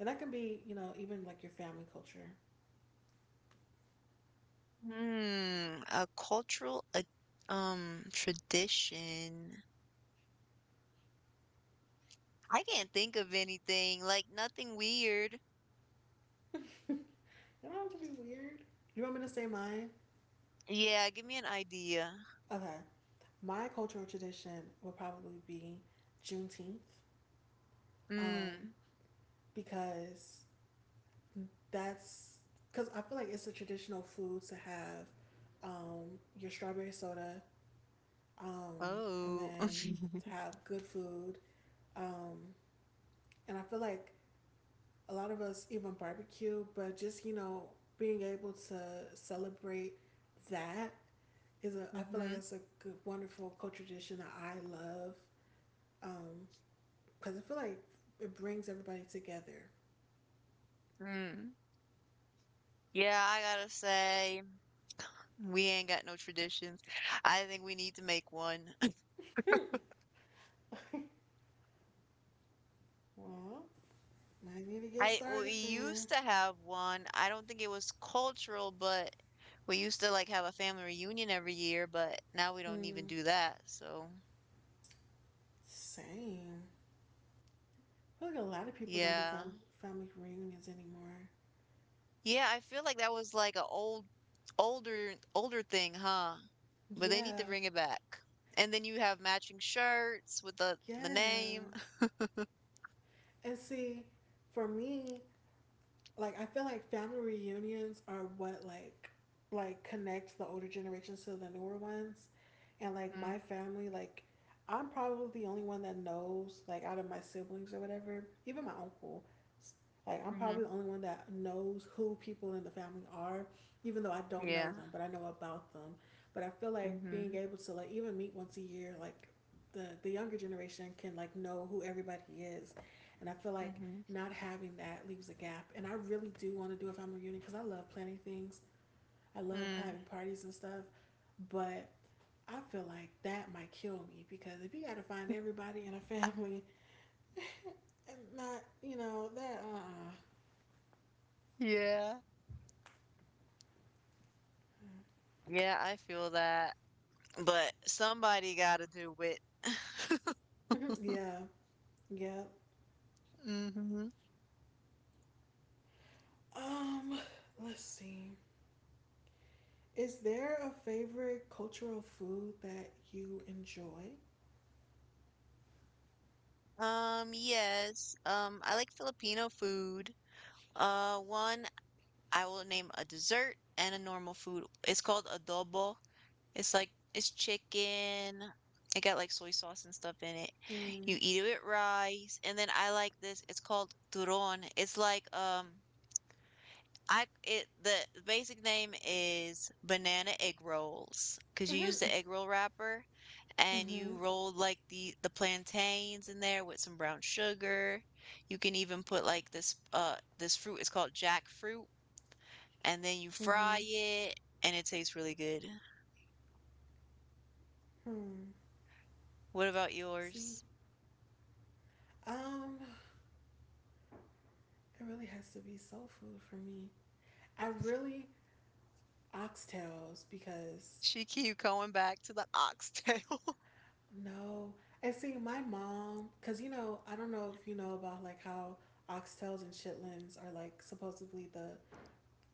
[SPEAKER 1] And that can be, you know, even like your family culture.
[SPEAKER 2] Hmm, a cultural a um tradition. I can't think of anything, like nothing weird.
[SPEAKER 1] You don't have to be weird. You want me to say mine?
[SPEAKER 2] Yeah, give me an idea.
[SPEAKER 1] Okay, my cultural tradition would probably be Juneteenth, um,
[SPEAKER 2] Mm.
[SPEAKER 1] because that's because I feel like it's a traditional food to have um, your strawberry soda um, and
[SPEAKER 2] Oh.
[SPEAKER 1] then to have good food. Um, and I feel like a lot of us even barbecue, but just, you know, being able to celebrate that is a, I feel like
[SPEAKER 2] Mm-hmm.
[SPEAKER 1] it's a good, wonderful cultural tradition that I love. Um, because I feel like it brings everybody together.
[SPEAKER 2] Mm. Yeah, I gotta say, we ain't got no traditions. I think we need to make one.
[SPEAKER 1] Well, might need to get
[SPEAKER 2] I We
[SPEAKER 1] started
[SPEAKER 2] used
[SPEAKER 1] then.
[SPEAKER 2] to have one. I don't think it was cultural, but we used to like have a family reunion every year, but now we don't even
[SPEAKER 1] Mm,
[SPEAKER 2] do that. So,
[SPEAKER 1] same. I feel like a lot of people don't do
[SPEAKER 2] yeah.
[SPEAKER 1] fam- family reunions anymore.
[SPEAKER 2] Yeah, I feel like that was like a old, older, older thing, huh? But they need to
[SPEAKER 1] Yeah,
[SPEAKER 2] bring it back. And then you have matching shirts with the the
[SPEAKER 1] yeah.
[SPEAKER 2] name.
[SPEAKER 1] And see, for me, like I feel like family reunions are what like like connects the older generations to the newer ones, and like
[SPEAKER 2] Mm,
[SPEAKER 1] my family, like I'm probably the only one that knows, like, out of my siblings or whatever, even my uncle. Like I'm probably
[SPEAKER 2] mhm.
[SPEAKER 1] the only one that knows who people in the family are, even though I don't know
[SPEAKER 2] Yeah.
[SPEAKER 1] them, but I know about them. But I feel like
[SPEAKER 2] Mhm.
[SPEAKER 1] being able to like even meet once a year, like the the younger generation can like know who everybody is, and I feel like
[SPEAKER 2] Mhm.
[SPEAKER 1] not having that leaves a gap. And I really do want to do a family reunion because I love planning things. I love
[SPEAKER 2] Mm.
[SPEAKER 1] having parties and stuff. But I feel like that might kill me because if you got to find everybody in a family and not, you know, that,
[SPEAKER 2] Yeah. Yeah, I feel that. But somebody gotta do it.
[SPEAKER 1] uh uh yeah, yeah.
[SPEAKER 2] Mhm.
[SPEAKER 1] Um, let's see. Is there a favorite cultural food that you enjoy?
[SPEAKER 2] Um, yes. Um, I like Filipino food. Uh, one, I will name a dessert and a normal food. It's called adobo. It's like it's chicken. It got like soy sauce and stuff in it. You
[SPEAKER 1] Hmm.
[SPEAKER 2] eat it with rice, and then I like this. It's called turón. It's like, um, I it the basic name is banana egg rolls because you use
[SPEAKER 1] Mm-hmm.
[SPEAKER 2] the egg roll wrapper, and you
[SPEAKER 1] Mm-hmm.
[SPEAKER 2] roll like the the plantains in there with some brown sugar. You can even put like this uh this fruit. It's called jackfruit, and then you fry
[SPEAKER 1] Mm-hmm.
[SPEAKER 2] it, and it tastes really good.
[SPEAKER 1] Hmm.
[SPEAKER 2] What about
[SPEAKER 1] See?
[SPEAKER 2] yours?
[SPEAKER 1] Um, It really has to be soul food for me. I really, oxtails because
[SPEAKER 2] She keep going back to the oxtail.
[SPEAKER 1] no. And see, my mom, because you know, I don't know if you know about like how oxtails and chitlins are like supposedly the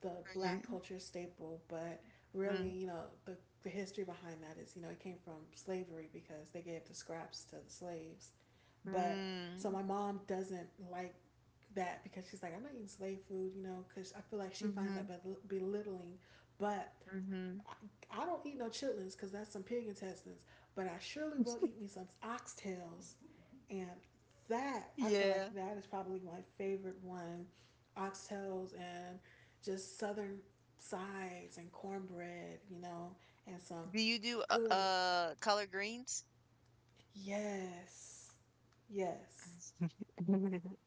[SPEAKER 1] the black
[SPEAKER 2] Mm,
[SPEAKER 1] culture staple, but really,
[SPEAKER 2] mm,
[SPEAKER 1] you know, the the history behind that is, you know, it came from slavery because they gave the scraps to the slaves. But so
[SPEAKER 2] mm,
[SPEAKER 1] my mom doesn't like that because she's like, I'm not eating slave food, you know, because I feel like she finds that
[SPEAKER 2] mhm,
[SPEAKER 1] bel- belittling. But
[SPEAKER 2] mhm.
[SPEAKER 1] I, I don't eat no chitlins because that's some pig intestines. But I surely will eat me some oxtails, and that, I feel like
[SPEAKER 2] Yeah.
[SPEAKER 1] that is probably my favorite one, oxtails and just southern sides and cornbread, you know, and some
[SPEAKER 2] Do you do, uh
[SPEAKER 1] good.
[SPEAKER 2] uh, collard greens?
[SPEAKER 1] Yes, yes.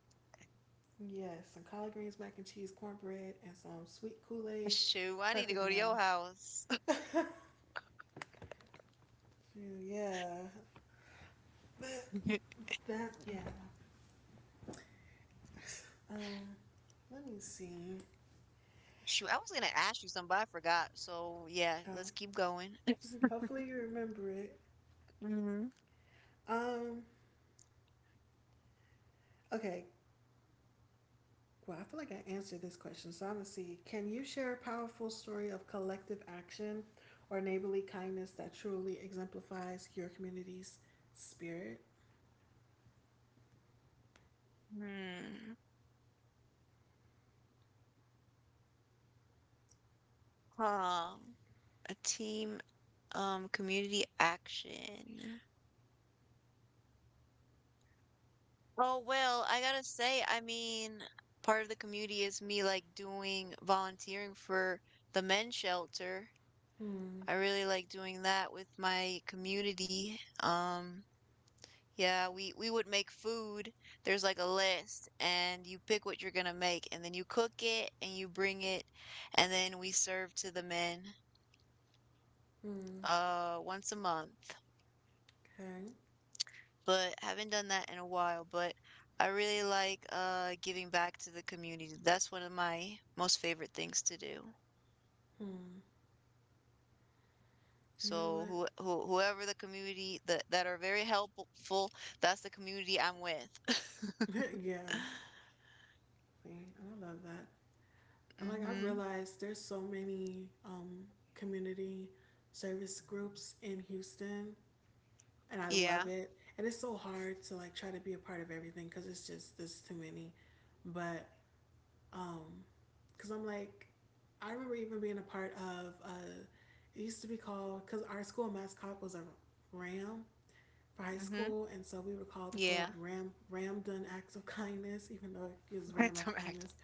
[SPEAKER 1] Yes, some collard greens, mac and cheese, cornbread, and some sweet Kool Aid.
[SPEAKER 2] Shoot, I need to
[SPEAKER 1] Perfect
[SPEAKER 2] go to your
[SPEAKER 1] meal.
[SPEAKER 2] house.
[SPEAKER 1] Yeah, that, that, yeah. Um, Let me see.
[SPEAKER 2] Shoot, I was gonna ask you something, but I forgot, so, yeah, let's
[SPEAKER 1] Um,
[SPEAKER 2] keep going.
[SPEAKER 1] hopefully you remember it.
[SPEAKER 2] Mhm,
[SPEAKER 1] Um, okay. Well, I feel like I answered this question, so I'm gonna see. Can you share a powerful story of collective action or neighborly kindness that truly exemplifies your community's spirit?
[SPEAKER 2] hmm, huh, a team, um, community action. Oh, well, I gotta say, I mean, part of the community is me like doing volunteering for the men's shelter.
[SPEAKER 1] Hmm.
[SPEAKER 2] I really like doing that with my community. Um, yeah, we we would make food. There's like a list and you pick what you're gonna make and then you cook it and you bring it and then we serve to the men
[SPEAKER 1] Hmm.
[SPEAKER 2] uh once a month.
[SPEAKER 1] Okay.
[SPEAKER 2] But haven't done that in a while. But I really like uh giving back to the community. That's one of my most favorite things to do.
[SPEAKER 1] Hmm. You know
[SPEAKER 2] So
[SPEAKER 1] what?
[SPEAKER 2] who, who whoever the community that that are very helpful, that's the community I'm with.
[SPEAKER 1] yeah. Exactly. And I love that. And like I've
[SPEAKER 2] Mm-hmm.
[SPEAKER 1] realized there's so many um, community service groups in Houston, and I
[SPEAKER 2] Yeah.
[SPEAKER 1] love it. And it's so hard to like try to be a part of everything cuz it's just there's too many. But um cuz I'm like, I remember even being a part of uh it used to be called, cuz our school mascot was a ram for high
[SPEAKER 2] Mm-hmm.
[SPEAKER 1] school, and so we were called the
[SPEAKER 2] Yeah.
[SPEAKER 1] club Ram Ram Done Acts of Kindness, even though it was random
[SPEAKER 2] Some
[SPEAKER 1] acts of
[SPEAKER 2] active.
[SPEAKER 1] kindness.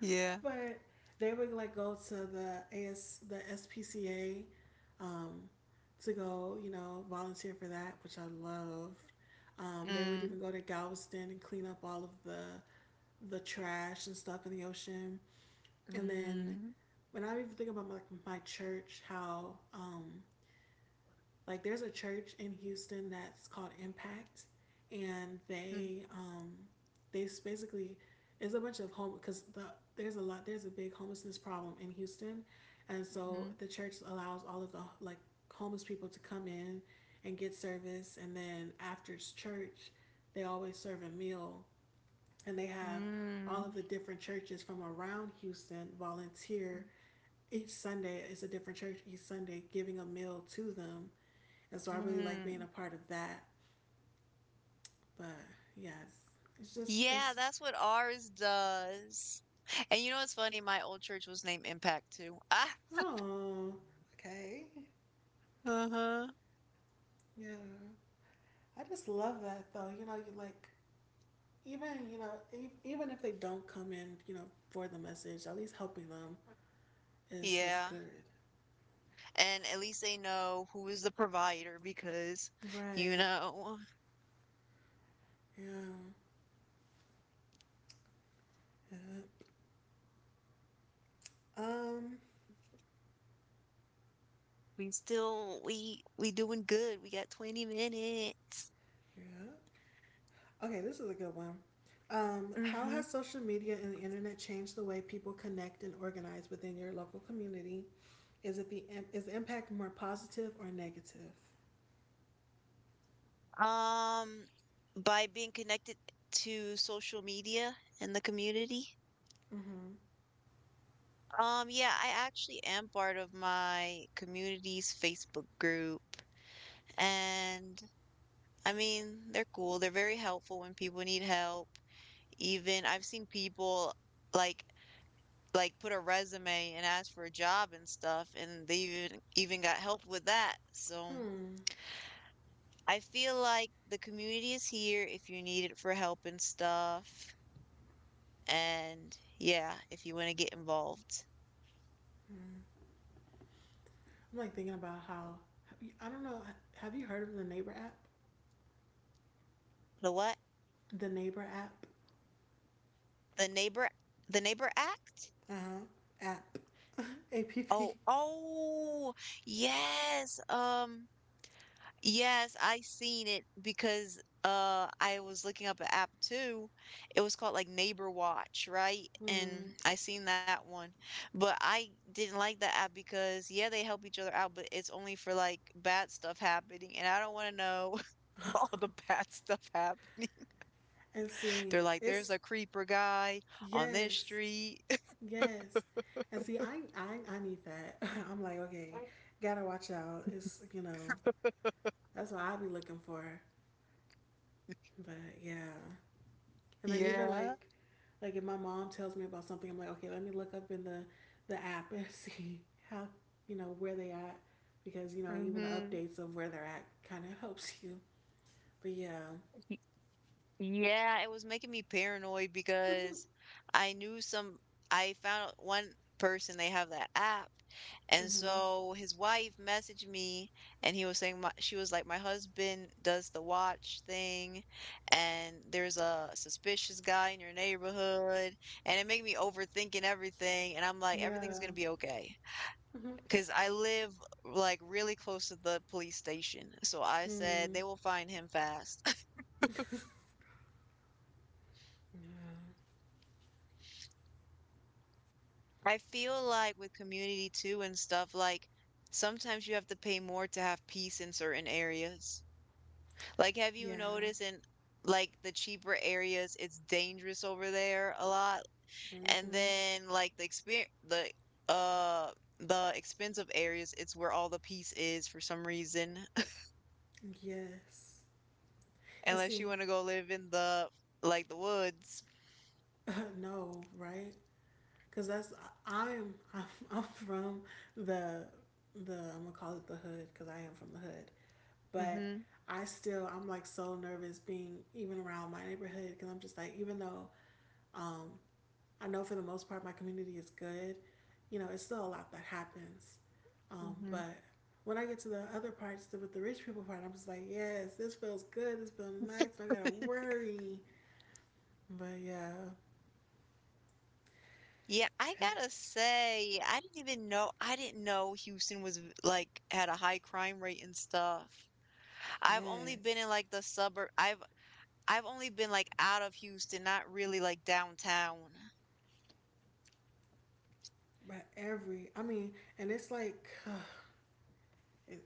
[SPEAKER 2] Yeah.
[SPEAKER 1] But they would like go to the A S the S P C A to go, you know, volunteer for that, which I loved. Um, they would
[SPEAKER 2] Mm.
[SPEAKER 1] even go to Galveston and clean up all of the the trash and stuff in the ocean. And then
[SPEAKER 2] Mm.
[SPEAKER 1] when I even think about my, my church, how um, like there's a church in Houston that's called Impact, and
[SPEAKER 2] Mm.
[SPEAKER 1] they um, they basically, it's a bunch of home because the there's a lot there's a big homelessness problem in Houston, and so the church allows all of the like homeless people to come in and get service, and then after church, they always serve a meal, and they have all of
[SPEAKER 2] Mm.
[SPEAKER 1] the different churches from around Houston
[SPEAKER 2] Mm.
[SPEAKER 1] volunteer each Sunday. It's a different church each Sunday giving a meal to them, and so I really like being
[SPEAKER 2] Mm.
[SPEAKER 1] a part of that. But yes, it's just,
[SPEAKER 2] Yeah,
[SPEAKER 1] it's,
[SPEAKER 2] that's what ours does. And you know what's funny? My old church was named Impact too. Ah,
[SPEAKER 1] oh, okay.
[SPEAKER 2] uh-huh.
[SPEAKER 1] Yeah. I just love that though. You know, you like, even, you know, e- even if they don't come in, you know, for the message, at least helping them is what's
[SPEAKER 2] Yeah.
[SPEAKER 1] good.
[SPEAKER 2] And at least they know who is the provider because, you
[SPEAKER 1] Right.
[SPEAKER 2] know,
[SPEAKER 1] Yeah. Yeah. Um,
[SPEAKER 2] we still we we doing good. We got twenty minutes.
[SPEAKER 1] yeah. Okay, this is a good one. Um, how
[SPEAKER 2] Mm-hmm.
[SPEAKER 1] has social media and the internet changed the way people connect and organize within your local community? Is it the is the impact more positive or negative?
[SPEAKER 2] Um, by being connected to social media and the community.
[SPEAKER 1] Mm-hmm.
[SPEAKER 2] Um, yeah, I actually am part of my community's Facebook group, and I mean, they're cool. They're very helpful when people need help. Even I've seen people like like put a resume and ask for a job and stuff, and they even even got help with that. So
[SPEAKER 1] Hmm.
[SPEAKER 2] I feel like the community is here if you need it for help and stuff. And yeah, if you want to get involved.
[SPEAKER 1] Hmm. I'm like thinking about how have you— I don't know. Have you heard of the neighbor app?
[SPEAKER 2] The what?
[SPEAKER 1] The neighbor app.
[SPEAKER 2] The neighbor the neighbor act?
[SPEAKER 1] Uh huh. App. App.
[SPEAKER 2] Oh, oh, yes. Um Yes, I seen it because uh I was looking up an app too. It was called like Neighbor Watch, right? And
[SPEAKER 1] Hmm.
[SPEAKER 2] I seen that one. But I didn't like that app because yeah, they help each other out, but it's only for like bad stuff happening and I don't want to know all the bad stuff happening.
[SPEAKER 1] And see,
[SPEAKER 2] They're like there's
[SPEAKER 1] it's
[SPEAKER 2] a creeper guy on this
[SPEAKER 1] yes,
[SPEAKER 2] street.
[SPEAKER 1] yes. And see, I I I need that. I'm like, okay, gotta watch out. It's, you know, that's what I'll be looking for. But yeah. And then even
[SPEAKER 2] Yeah.
[SPEAKER 1] like like if my mom tells me about something, I'm like, okay, let me look up in the the app and see how, you know, where they at, because you know, even the
[SPEAKER 2] Mhm.
[SPEAKER 1] updates of where they're at kind of helps you. But yeah,
[SPEAKER 2] Yeah, it was making me paranoid because I knew some, I found out one person, they have that app. And
[SPEAKER 1] mm-hmm.
[SPEAKER 2] so his wife messaged me and he was saying, my, she was like, my husband does the watch thing and there's a suspicious guy in your neighborhood. And it made me overthinking everything. And I'm like, everything's
[SPEAKER 1] Yeah,
[SPEAKER 2] going to be okay.
[SPEAKER 1] mm-hmm.
[SPEAKER 2] Because I live like really close to the police station. So I said,
[SPEAKER 1] Mm.
[SPEAKER 2] they will find him fast.
[SPEAKER 1] Yeah,
[SPEAKER 2] I feel like with community too and stuff, like sometimes you have to pay more to have peace in certain areas. Like, have you
[SPEAKER 1] yeah,
[SPEAKER 2] noticed in like the cheaper areas, it's dangerous over there a lot, and
[SPEAKER 1] mm-hmm.
[SPEAKER 2] then like the experience, the uh, the expensive areas, it's where all the peace is for some reason,
[SPEAKER 1] Yes. And
[SPEAKER 2] unless you
[SPEAKER 1] see,
[SPEAKER 2] want to go live in the like the woods.
[SPEAKER 1] uh, no, right? Because that's, I'm, I'm I'm from the the I'm gonna call it the hood, because I am from the hood, but
[SPEAKER 2] Mm-hmm.
[SPEAKER 1] I still, I'm like so nervous being even around my neighborhood, because I'm just like, even though um, I know for the most part my community is good, you know, it's still a lot that happens. Um,
[SPEAKER 2] Mm-hmm.
[SPEAKER 1] but when I get to the other parts, the, with the rich people part, I'm just like, yes, this feels good, this feels nice, I gotta worry. But yeah,
[SPEAKER 2] Yeah, I gotta say, I didn't even know I didn't know Houston was v- like had a high crime rate and stuff. I've only been in
[SPEAKER 1] yes,
[SPEAKER 2] like the suburb. I've I've only been like out of Houston, not really like downtown.
[SPEAKER 1] but every, I mean, and it's like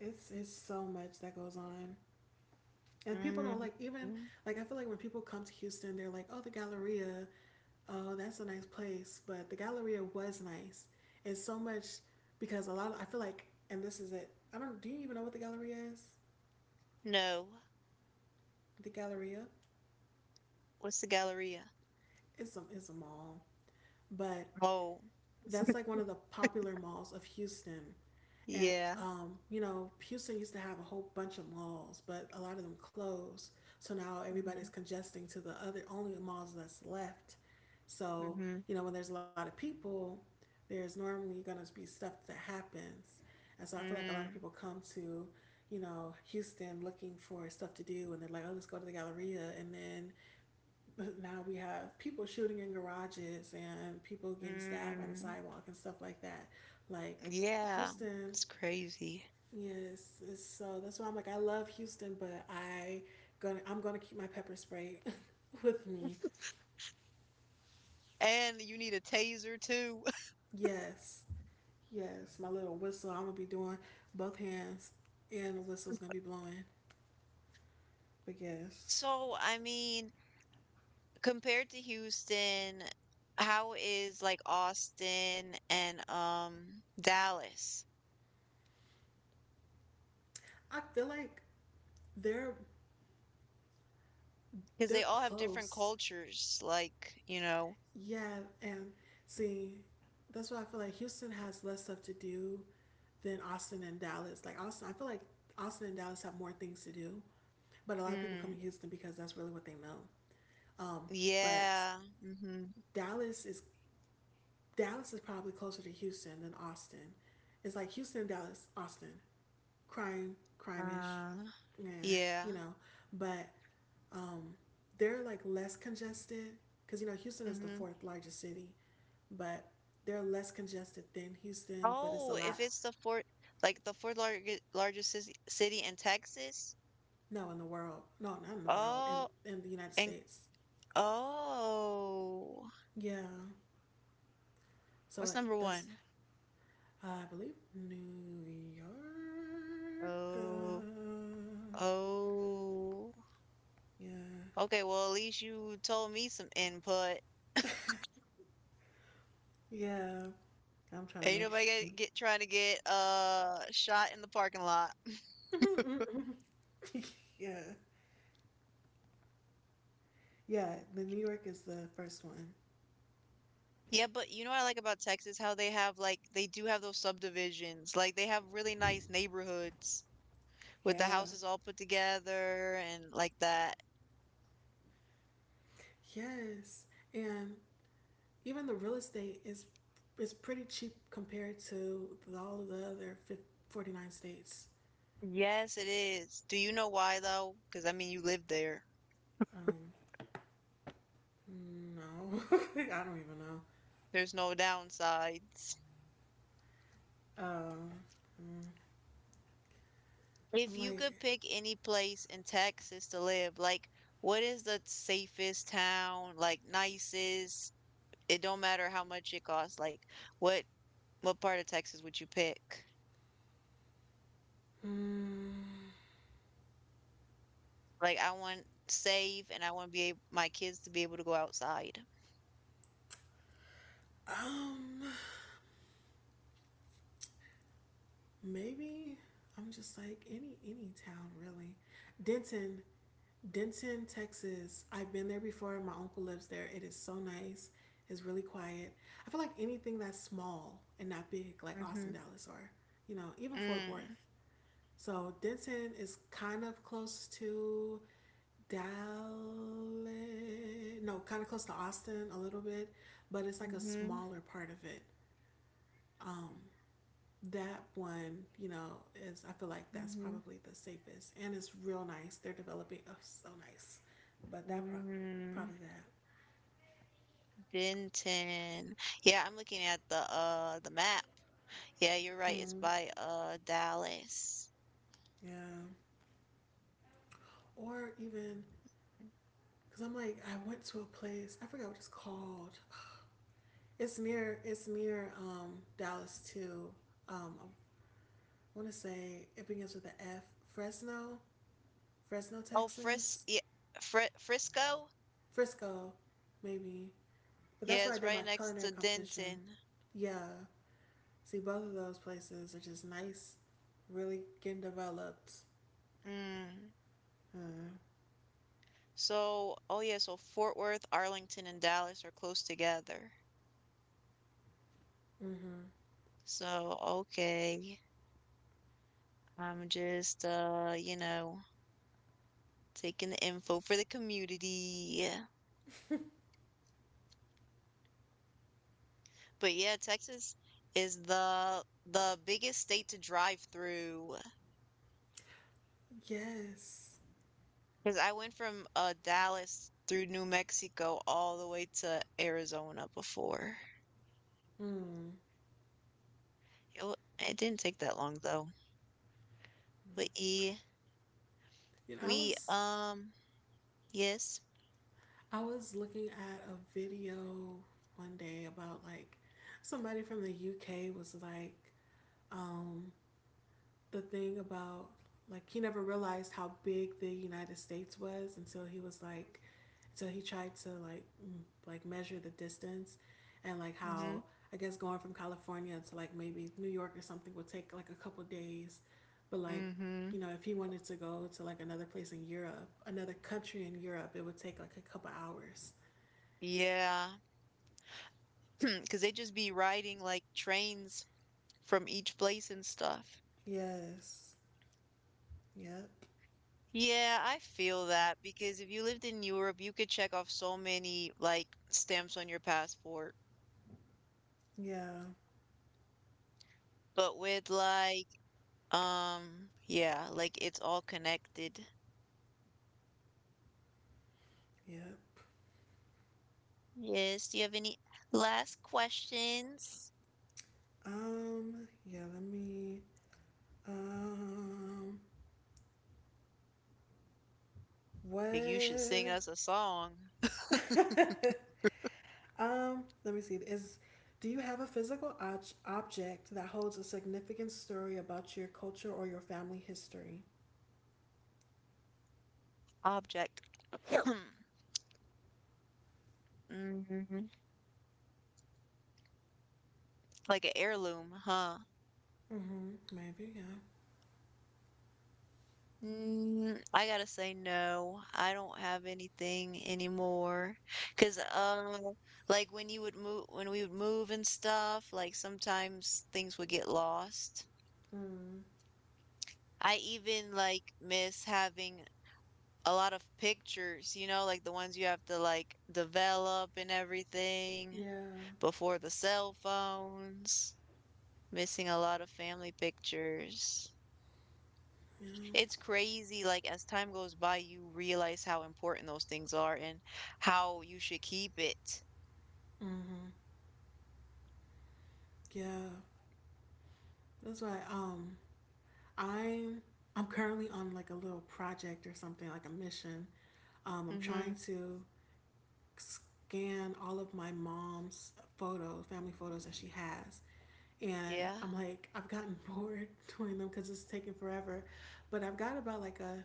[SPEAKER 1] it's it's so much that goes on. And people don't
[SPEAKER 2] Mm,
[SPEAKER 1] like even,
[SPEAKER 2] mm.
[SPEAKER 1] like I feel like when people come to Houston, they're like, "Oh, the Galleria, oh, that's a nice place." But the Galleria was nice. It's so much because a lot. Of, I feel like, and this is it. I don't. Do you even know what the Galleria is?
[SPEAKER 2] No.
[SPEAKER 1] The Galleria
[SPEAKER 2] What's the Galleria?
[SPEAKER 1] is some is a mall, but
[SPEAKER 2] Oh,
[SPEAKER 1] that's like one of the popular malls of Houston. And,
[SPEAKER 2] yeah.
[SPEAKER 1] um, you know, Houston used to have a whole bunch of malls, but a lot of them closed. So now everybody's
[SPEAKER 2] Mm-hmm.
[SPEAKER 1] congesting to the other only malls that's left. So,
[SPEAKER 2] Mm-hmm.
[SPEAKER 1] you know, when there's a lot of people, there's normally going to be stuff that happens. And so I feel like a lot of people
[SPEAKER 2] Mm,
[SPEAKER 1] come to, you know, Houston looking for stuff to do, and they're like, oh, let's go to the Galleria. And then now we have people shooting in garages and people getting stabbed on the
[SPEAKER 2] mm.
[SPEAKER 1] sidewalk and stuff like that. Like
[SPEAKER 2] Yeah.
[SPEAKER 1] Houston,
[SPEAKER 2] It's crazy.
[SPEAKER 1] yes. So that's why I'm like, I love Houston, but I gonna I'm gonna keep my pepper spray with me.
[SPEAKER 2] And you need a taser too.
[SPEAKER 1] Yes, yes. My little whistle. I'm gonna be doing both hands, and the whistle's gonna be blowing. But yes,
[SPEAKER 2] So, I mean, compared to Houston, how is like Austin and um Dallas?
[SPEAKER 1] I feel like they're
[SPEAKER 2] Because
[SPEAKER 1] they're
[SPEAKER 2] they all have different
[SPEAKER 1] close.
[SPEAKER 2] cultures, like, you know.
[SPEAKER 1] Yeah, and see, that's why I feel like Houston has less stuff to do than Austin and Dallas. Like Austin, I feel like Austin and Dallas have more things to do, but a lot of people
[SPEAKER 2] Mm,
[SPEAKER 1] come to Houston because that's really what they know. Um, but
[SPEAKER 2] yeah. Mm-hmm.
[SPEAKER 1] Dallas is Dallas is probably closer to Houston than Austin. It's like Houston, Dallas, Austin, crime, crime-ish,
[SPEAKER 2] Uh,
[SPEAKER 1] yeah,
[SPEAKER 2] yeah.
[SPEAKER 1] you know. But um, they're like less congested, because you know Houston is the
[SPEAKER 2] Mm-hmm.
[SPEAKER 1] fourth largest city, but they're less congested than Houston, but it's a
[SPEAKER 2] Oh, if
[SPEAKER 1] lot.
[SPEAKER 2] it's the fourth, like the fourth largest largest cis- city in Texas.
[SPEAKER 1] No, in the world. No, not in the world. In
[SPEAKER 2] Oh,
[SPEAKER 1] in the United
[SPEAKER 2] and
[SPEAKER 1] States.
[SPEAKER 2] oh,
[SPEAKER 1] Yeah. So
[SPEAKER 2] what's number
[SPEAKER 1] that's
[SPEAKER 2] one?
[SPEAKER 1] uh, I believe New York. Uh,
[SPEAKER 2] Oh, oh.
[SPEAKER 1] yeah.
[SPEAKER 2] Okay, well, at least you told me some input.
[SPEAKER 1] Yeah. I'm trying to
[SPEAKER 2] Ain't
[SPEAKER 1] make
[SPEAKER 2] nobody
[SPEAKER 1] sure.
[SPEAKER 2] get, get trying to get uh shot in the parking lot.
[SPEAKER 1] yeah. Yeah, the New York is the first one.
[SPEAKER 2] Yeah, but you know what I like about Texas? How they have like they do have those subdivisions. Like they have really nice neighborhoods with the
[SPEAKER 1] Yeah.
[SPEAKER 2] houses all put together and like that.
[SPEAKER 1] Yes. And even the real estate is is pretty cheap compared to all of the other forty-nine states.
[SPEAKER 2] Yes, it is. Do you know why though? Because I mean, you live there.
[SPEAKER 1] Um, no, I don't even know.
[SPEAKER 2] There's no downsides.
[SPEAKER 1] Um, mm,
[SPEAKER 2] If
[SPEAKER 1] I'm
[SPEAKER 2] you
[SPEAKER 1] like,
[SPEAKER 2] could pick any place in Texas to live, like what is the safest town, like nicest? It don't matter how much it costs. Like, what what part of Texas would you pick?
[SPEAKER 1] mm,
[SPEAKER 2] Like, I want save, and I want to be able, my kids to be able to go outside.
[SPEAKER 1] um, maybe I'm just like, any any town really. Denton, Denton, Texas. I've been there before. My uncle lives there. It is so nice. It's really quiet. I feel like anything that's small and not big, like Austin,
[SPEAKER 2] Mm-hmm.
[SPEAKER 1] Dallas, or you know, even Fort
[SPEAKER 2] Mm.
[SPEAKER 1] Worth. So Denton is kind of close to Dallas, no, kind of close to Austin a little bit, but it's like a
[SPEAKER 2] Mm-hmm.
[SPEAKER 1] smaller part of it. That one, you know, is, I feel like that's
[SPEAKER 2] Mm-hmm.
[SPEAKER 1] probably the safest, and it's real nice. They're developing, oh, so nice. But that pro-
[SPEAKER 2] Mm,
[SPEAKER 1] probably that,
[SPEAKER 2] Denton. Yeah, I'm looking at the uh the map. Yeah, you're right. It's by uh Dallas.
[SPEAKER 1] yeah. Or even because I'm like, I went to a place, I forgot what it's called. It's near, it's near um, Dallas too. Um, I want to say it begins with the F. Fresno, Fresno,
[SPEAKER 2] Oh, Fris
[SPEAKER 1] Texas.
[SPEAKER 2] yeah, Fri Frisco?
[SPEAKER 1] Frisco, maybe. But that's where I
[SPEAKER 2] Yes,
[SPEAKER 1] did
[SPEAKER 2] right
[SPEAKER 1] my
[SPEAKER 2] next
[SPEAKER 1] culinary
[SPEAKER 2] to
[SPEAKER 1] competition.
[SPEAKER 2] Denton.
[SPEAKER 1] Yeah. See, both of those places are just nice, really getting developed.
[SPEAKER 2] Mm.
[SPEAKER 1] Uh
[SPEAKER 2] So, oh yeah, so Fort Worth, Arlington, and Dallas are close together.
[SPEAKER 1] Mm-hmm.
[SPEAKER 2] So, okay. I'm just uh, you know, taking the info for the community. But yeah, Texas is the the biggest state to drive through
[SPEAKER 1] Yes.
[SPEAKER 2] because I went from uh Dallas through New Mexico all the way to Arizona before.
[SPEAKER 1] Mm.
[SPEAKER 2] It, wa- it didn't take that long though. We
[SPEAKER 1] You know, I
[SPEAKER 2] we
[SPEAKER 1] was
[SPEAKER 2] um Yes.
[SPEAKER 1] I was looking at a video one day about like somebody from the U K was like, um, the thing about like he never realized how big the United States was until he was like until he tried to like like measure the distance and like how
[SPEAKER 2] Mhm.
[SPEAKER 1] I guess going from California to like maybe New York or something would take like a couple days, but like you
[SPEAKER 2] Mhm.
[SPEAKER 1] know if he wanted to go to like another place in Europe, another country in Europe, it would take like a couple hours.
[SPEAKER 2] because they just be riding like trains from each place and stuff.
[SPEAKER 1] Yes. Yep.
[SPEAKER 2] Yeah, I feel that because if you lived in Europe, you could check off so many like stamps on your passport.
[SPEAKER 1] Yeah.
[SPEAKER 2] But with like um yeah, like it's all connected.
[SPEAKER 1] Yep.
[SPEAKER 2] Yes, do you have any last questions?
[SPEAKER 1] um yeah, let me um
[SPEAKER 2] You should
[SPEAKER 1] What?
[SPEAKER 2] sing us a song.
[SPEAKER 1] Um, let me see. Is Do you have a physical obj object that holds a significant story about your culture or your family history?
[SPEAKER 2] Object. Mm. Like an heirloom, huh?
[SPEAKER 1] Mm-hmm. Maybe, yeah.
[SPEAKER 2] Mm, I gotta say no. I don't have anything anymore. 'Cause um like when you would move when we would move and stuff, like sometimes things would get lost. I even like miss having a lot of pictures, you know, like the ones you have to like develop and everything
[SPEAKER 1] Yeah.
[SPEAKER 2] before the cell phones. Missing a lot of family pictures.
[SPEAKER 1] Yeah.
[SPEAKER 2] It's crazy, like, as time goes by, you realize how important those things are and how you should keep it.
[SPEAKER 1] Mm-hmm. Yeah. That's why um I'm I'm currently on like a little project or something, like a mission. Um, I'm trying
[SPEAKER 2] Mhm.
[SPEAKER 1] to scan all of my mom's photos, family photos that she has. And
[SPEAKER 2] Yeah.
[SPEAKER 1] I'm like, I've gotten bored doing them because it's taking forever. But I've got about like a,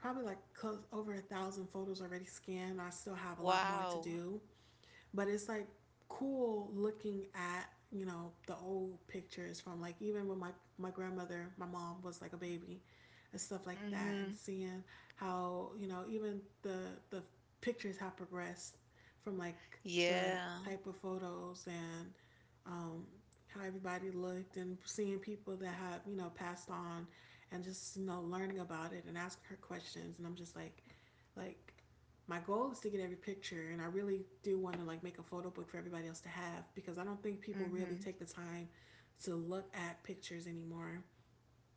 [SPEAKER 1] probably like close over a thousand photos already scanned. I still have a lot more to
[SPEAKER 2] Wow.
[SPEAKER 1] do, but it's like cool looking at, you know, the old pictures from like even when my my grandmother, my mom was like a baby and stuff like that, and
[SPEAKER 2] Mhm.
[SPEAKER 1] seeing how, you know, even the the pictures have progressed from like the
[SPEAKER 2] Yeah.
[SPEAKER 1] type of photos and, um, how everybody looked, and seeing people that have, you know, passed on, and just, you know, learning about it and asking her questions. And I'm just like like my goal is to get every picture, and I really do want to like make a photo book for everybody else to have, because I don't think people really
[SPEAKER 2] Mhm.
[SPEAKER 1] take the time to look at pictures anymore,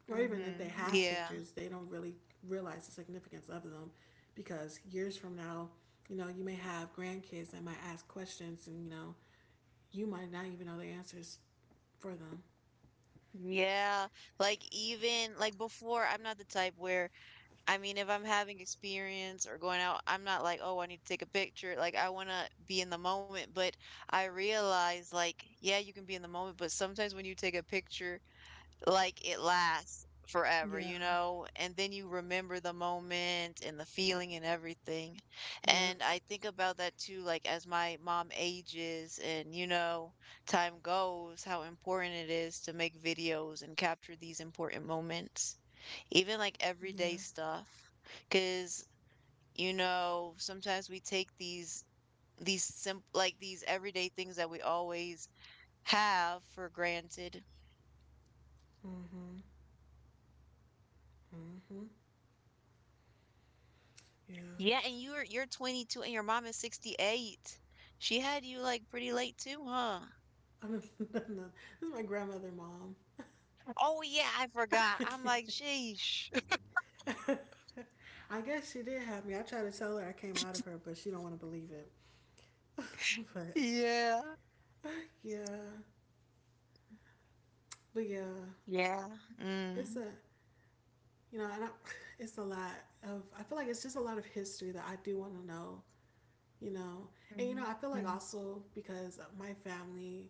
[SPEAKER 1] or even if they
[SPEAKER 2] Mhm.
[SPEAKER 1] have
[SPEAKER 2] Yeah.
[SPEAKER 1] pictures they don't really realize the significance of them, because years from now, you know, you may have grandkids that might ask questions, and, you know, you might not even know the answers for them.
[SPEAKER 2] Yeah. Like even like before, I'm not the type where I mean, if I'm having experience or going out, I'm not like, "Oh, I need to take a picture." Like I want to be in the moment, but I realize like, yeah, you can be in the moment, but sometimes when you take a picture like it lasts forever,
[SPEAKER 1] Yeah.
[SPEAKER 2] you know? And then you remember the moment and the feeling and everything.
[SPEAKER 1] Yep.
[SPEAKER 2] And I think about that too, like as my mom ages and, you know, time goes, how important it is to make videos and capture these important moments, even like
[SPEAKER 1] Yeah.
[SPEAKER 2] everyday stuff. Because, you know, sometimes we take these, these simple, like these everyday things that we always have for granted.
[SPEAKER 1] Mm-hmm. Mm-hmm. Yeah.
[SPEAKER 2] Yeah, and you're you're twenty-two and your mom is sixty-eight. She had you like pretty late too, huh?
[SPEAKER 1] I don't know. This is my grandmother mom.
[SPEAKER 2] Oh yeah, I forgot. I'm like, sheesh.
[SPEAKER 1] I guess she did have me. I tried to tell her I came out of her, but she don't want to believe it.
[SPEAKER 2] Yeah.
[SPEAKER 1] But yeah, but yeah,
[SPEAKER 2] Yeah.
[SPEAKER 1] it's
[SPEAKER 2] Mm.
[SPEAKER 1] a, you know, and I, it's a lot of. I feel like it's just a lot of history that I do want to know. You know, and you
[SPEAKER 2] Mm.
[SPEAKER 1] know, I feel like
[SPEAKER 2] Mm.
[SPEAKER 1] also because my family,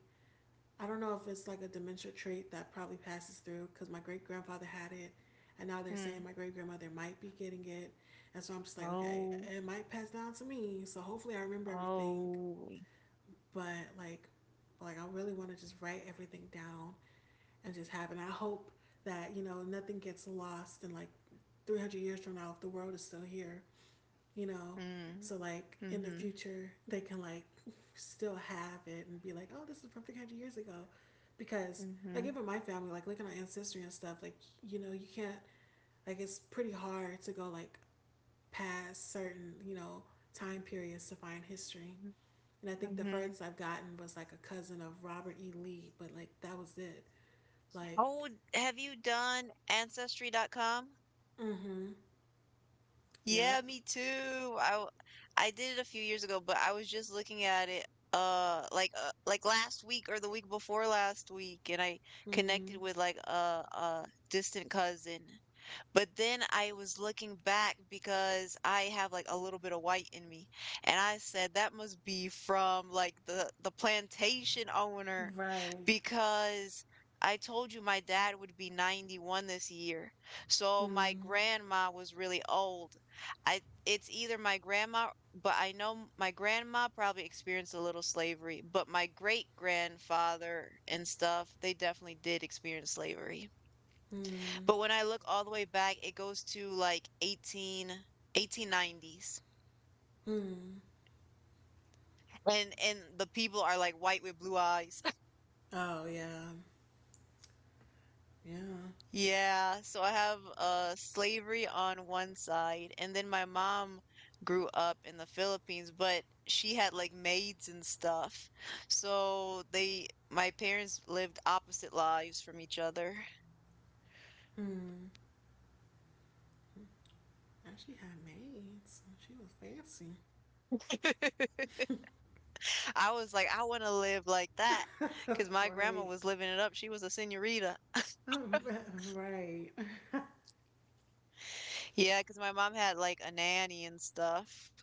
[SPEAKER 1] I don't know if it's like a dementia trait that probably passes through, because my great grandfather had it, and now they're saying
[SPEAKER 2] Mm.
[SPEAKER 1] my great grandmother might be getting it, and so I'm just like, okay,
[SPEAKER 2] Oh.
[SPEAKER 1] it might pass down to me. So hopefully I remember everything,
[SPEAKER 2] Oh.
[SPEAKER 1] but like like I really want to just write everything down and just have it. And I hope that, you know, nothing gets lost, and like three hundred years from now, if the world is still here, you know,
[SPEAKER 2] Mm.
[SPEAKER 1] so like in the
[SPEAKER 2] Mm-hmm.
[SPEAKER 1] future they can like still have it and be like, oh, this is from three hundred years ago, because like
[SPEAKER 2] Mm-hmm.
[SPEAKER 1] even my family, like looking at ancestry and stuff, like, you know, you can't, like it's pretty hard to go like past certain, you know, time periods to find history. And I think the
[SPEAKER 2] Mm-hmm.
[SPEAKER 1] furthest I've gotten was like a cousin of Robert E. Lee, but like that was it. Like,
[SPEAKER 2] Oh, have you done ancestry dot com?
[SPEAKER 1] mm hmm, yep,
[SPEAKER 2] Yeah, me too. I w- I did it a few years ago, but I was just looking at it uh like uh, like last week or the week before last week, and I connected
[SPEAKER 1] mm,
[SPEAKER 2] with like a a distant cousin, but then I was looking back because I have like a little bit of white in me. And I said that must be from like the the plantation owner,
[SPEAKER 1] right,
[SPEAKER 2] because I told you my dad would be ninety-one this year. So my
[SPEAKER 1] mm,
[SPEAKER 2] grandma was really old. I it's either my grandma, but I know my grandma probably experienced a little slavery, but my great grandfather and stuff, they definitely did experience slavery.
[SPEAKER 1] mm,
[SPEAKER 2] But when I look all the way back, it goes to like eighteen, eighteen nineties.
[SPEAKER 1] mm.
[SPEAKER 2] And and the people are like white with blue eyes.
[SPEAKER 1] Oh, yeah, yeah,
[SPEAKER 2] Yeah, so I have uh slavery on one side, and then my mom grew up in the Philippines, but she had like maids and stuff. So they my parents lived opposite lives from each other.
[SPEAKER 1] mm. Actually had maids. She was fancy.
[SPEAKER 2] I was like, I want to live like that because my grandma
[SPEAKER 1] Right.
[SPEAKER 2] was living it up. She was a senorita.
[SPEAKER 1] Right.
[SPEAKER 2] Yeah, cause my mom had like a nanny and stuff,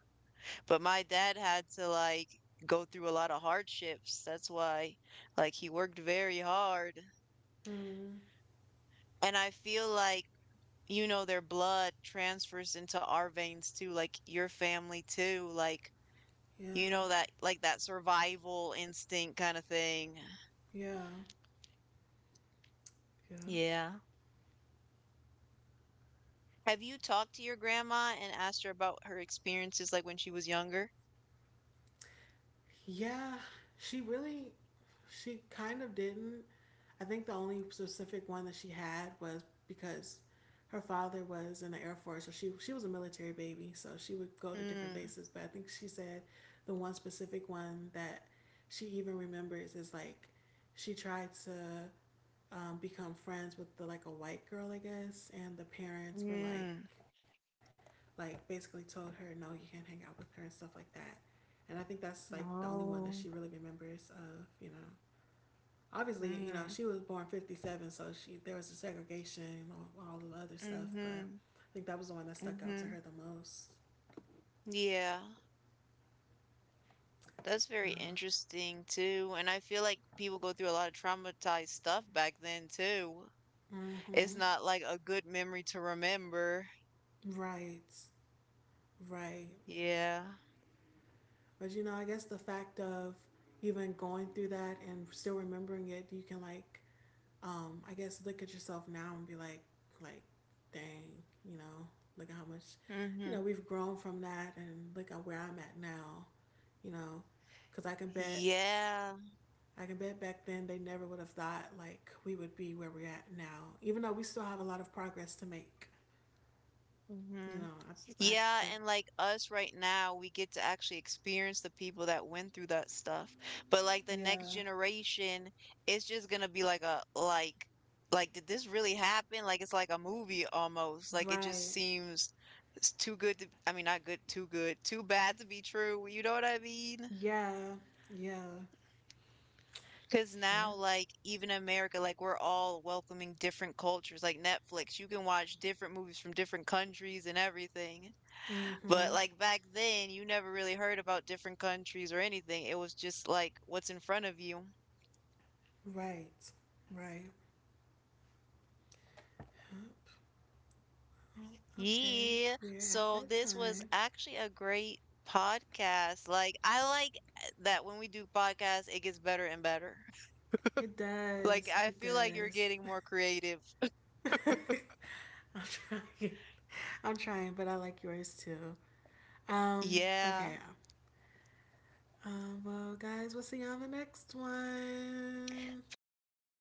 [SPEAKER 2] but my dad had to like go through a lot of hardships. That's why like he worked very hard.
[SPEAKER 1] Mm,
[SPEAKER 2] And I feel like, you know, their blood transfers into our veins too, like your family too, like you
[SPEAKER 1] yeah.
[SPEAKER 2] know that like that survival instinct kind of thing.
[SPEAKER 1] Yeah. Yeah.
[SPEAKER 2] Yeah. Have you talked to your grandma and asked her about her experiences like when she was younger?
[SPEAKER 1] Yeah. She really, she kind of didn't. I think the only specific one that she had was because her father was in the Air Force, so she she was a military baby, so she would go to different
[SPEAKER 2] Mm.
[SPEAKER 1] bases. But I think she said the one specific one that she even remembers is like she tried to, um, become friends with the like a white girl, I guess, and the parents were like,
[SPEAKER 2] Mm.
[SPEAKER 1] like basically told her no, you can't hang out with her and stuff like that. And I think that's like the only one that she
[SPEAKER 2] No.
[SPEAKER 1] really remembers of. You know, obviously, you know,
[SPEAKER 2] Mm.
[SPEAKER 1] she was born fifty-seven, so she there was a segregation and all, all the other stuff, but
[SPEAKER 2] Mhm.
[SPEAKER 1] I think that was the one that stuck out to
[SPEAKER 2] Mhm.
[SPEAKER 1] her the most.
[SPEAKER 2] Yeah. That's very
[SPEAKER 1] Uh,
[SPEAKER 2] interesting too. And I feel like people go through a lot of traumatized stuff back then too. It's
[SPEAKER 1] mm-hmm.
[SPEAKER 2] not like a good memory to remember.
[SPEAKER 1] Right, right.
[SPEAKER 2] Yeah.
[SPEAKER 1] But you know, I guess the fact of even going through that and still remembering it, you can like, um, I guess look at yourself now and be like, like, dang, you know, look at how much, you know,
[SPEAKER 2] Mhm.
[SPEAKER 1] we've grown from that, and look at where I'm at now, you know, because I can bet
[SPEAKER 2] Yeah.
[SPEAKER 1] I can bet back then they never would have thought like we would be where we're at now, even though we still have a lot of progress to make. You
[SPEAKER 2] Mhm.
[SPEAKER 1] know, I, I
[SPEAKER 2] Yeah,
[SPEAKER 1] bet.
[SPEAKER 2] and like us right now, we get to actually experience the people that went through that stuff. But like the next
[SPEAKER 1] Yeah.
[SPEAKER 2] generation, it's just gonna be like a like like did this really happen? Like it's like a movie almost. Like it just
[SPEAKER 1] Right.
[SPEAKER 2] seems it's too good to, I mean not good, too good, too bad to be true. You know what I mean?
[SPEAKER 1] Yeah. Yeah.
[SPEAKER 2] Cause now
[SPEAKER 1] Yep.
[SPEAKER 2] like even in America, like we're all welcoming different cultures, like Netflix. You can watch different movies from different countries and everything. But
[SPEAKER 1] Mm-hmm.
[SPEAKER 2] like back then, you never really heard about different countries or anything. It was just like what's in front of you.
[SPEAKER 1] Right. Right. Yep. Oh, okay.
[SPEAKER 2] Yeah.
[SPEAKER 1] We're at
[SPEAKER 2] So
[SPEAKER 1] that
[SPEAKER 2] this was
[SPEAKER 1] time.
[SPEAKER 2] actually a great podcast. Like I like eh, that when we do podcasts, it gets better and better.
[SPEAKER 1] It
[SPEAKER 2] Like
[SPEAKER 1] does.
[SPEAKER 2] I
[SPEAKER 1] It
[SPEAKER 2] feel like you're
[SPEAKER 1] does.
[SPEAKER 2] getting more creative.
[SPEAKER 1] I'm trying. I'm trying, but I like yours too. Um,
[SPEAKER 2] Yeah.
[SPEAKER 1] okay, Um, well, guys, we'll see you on the next one.
[SPEAKER 2] Bye.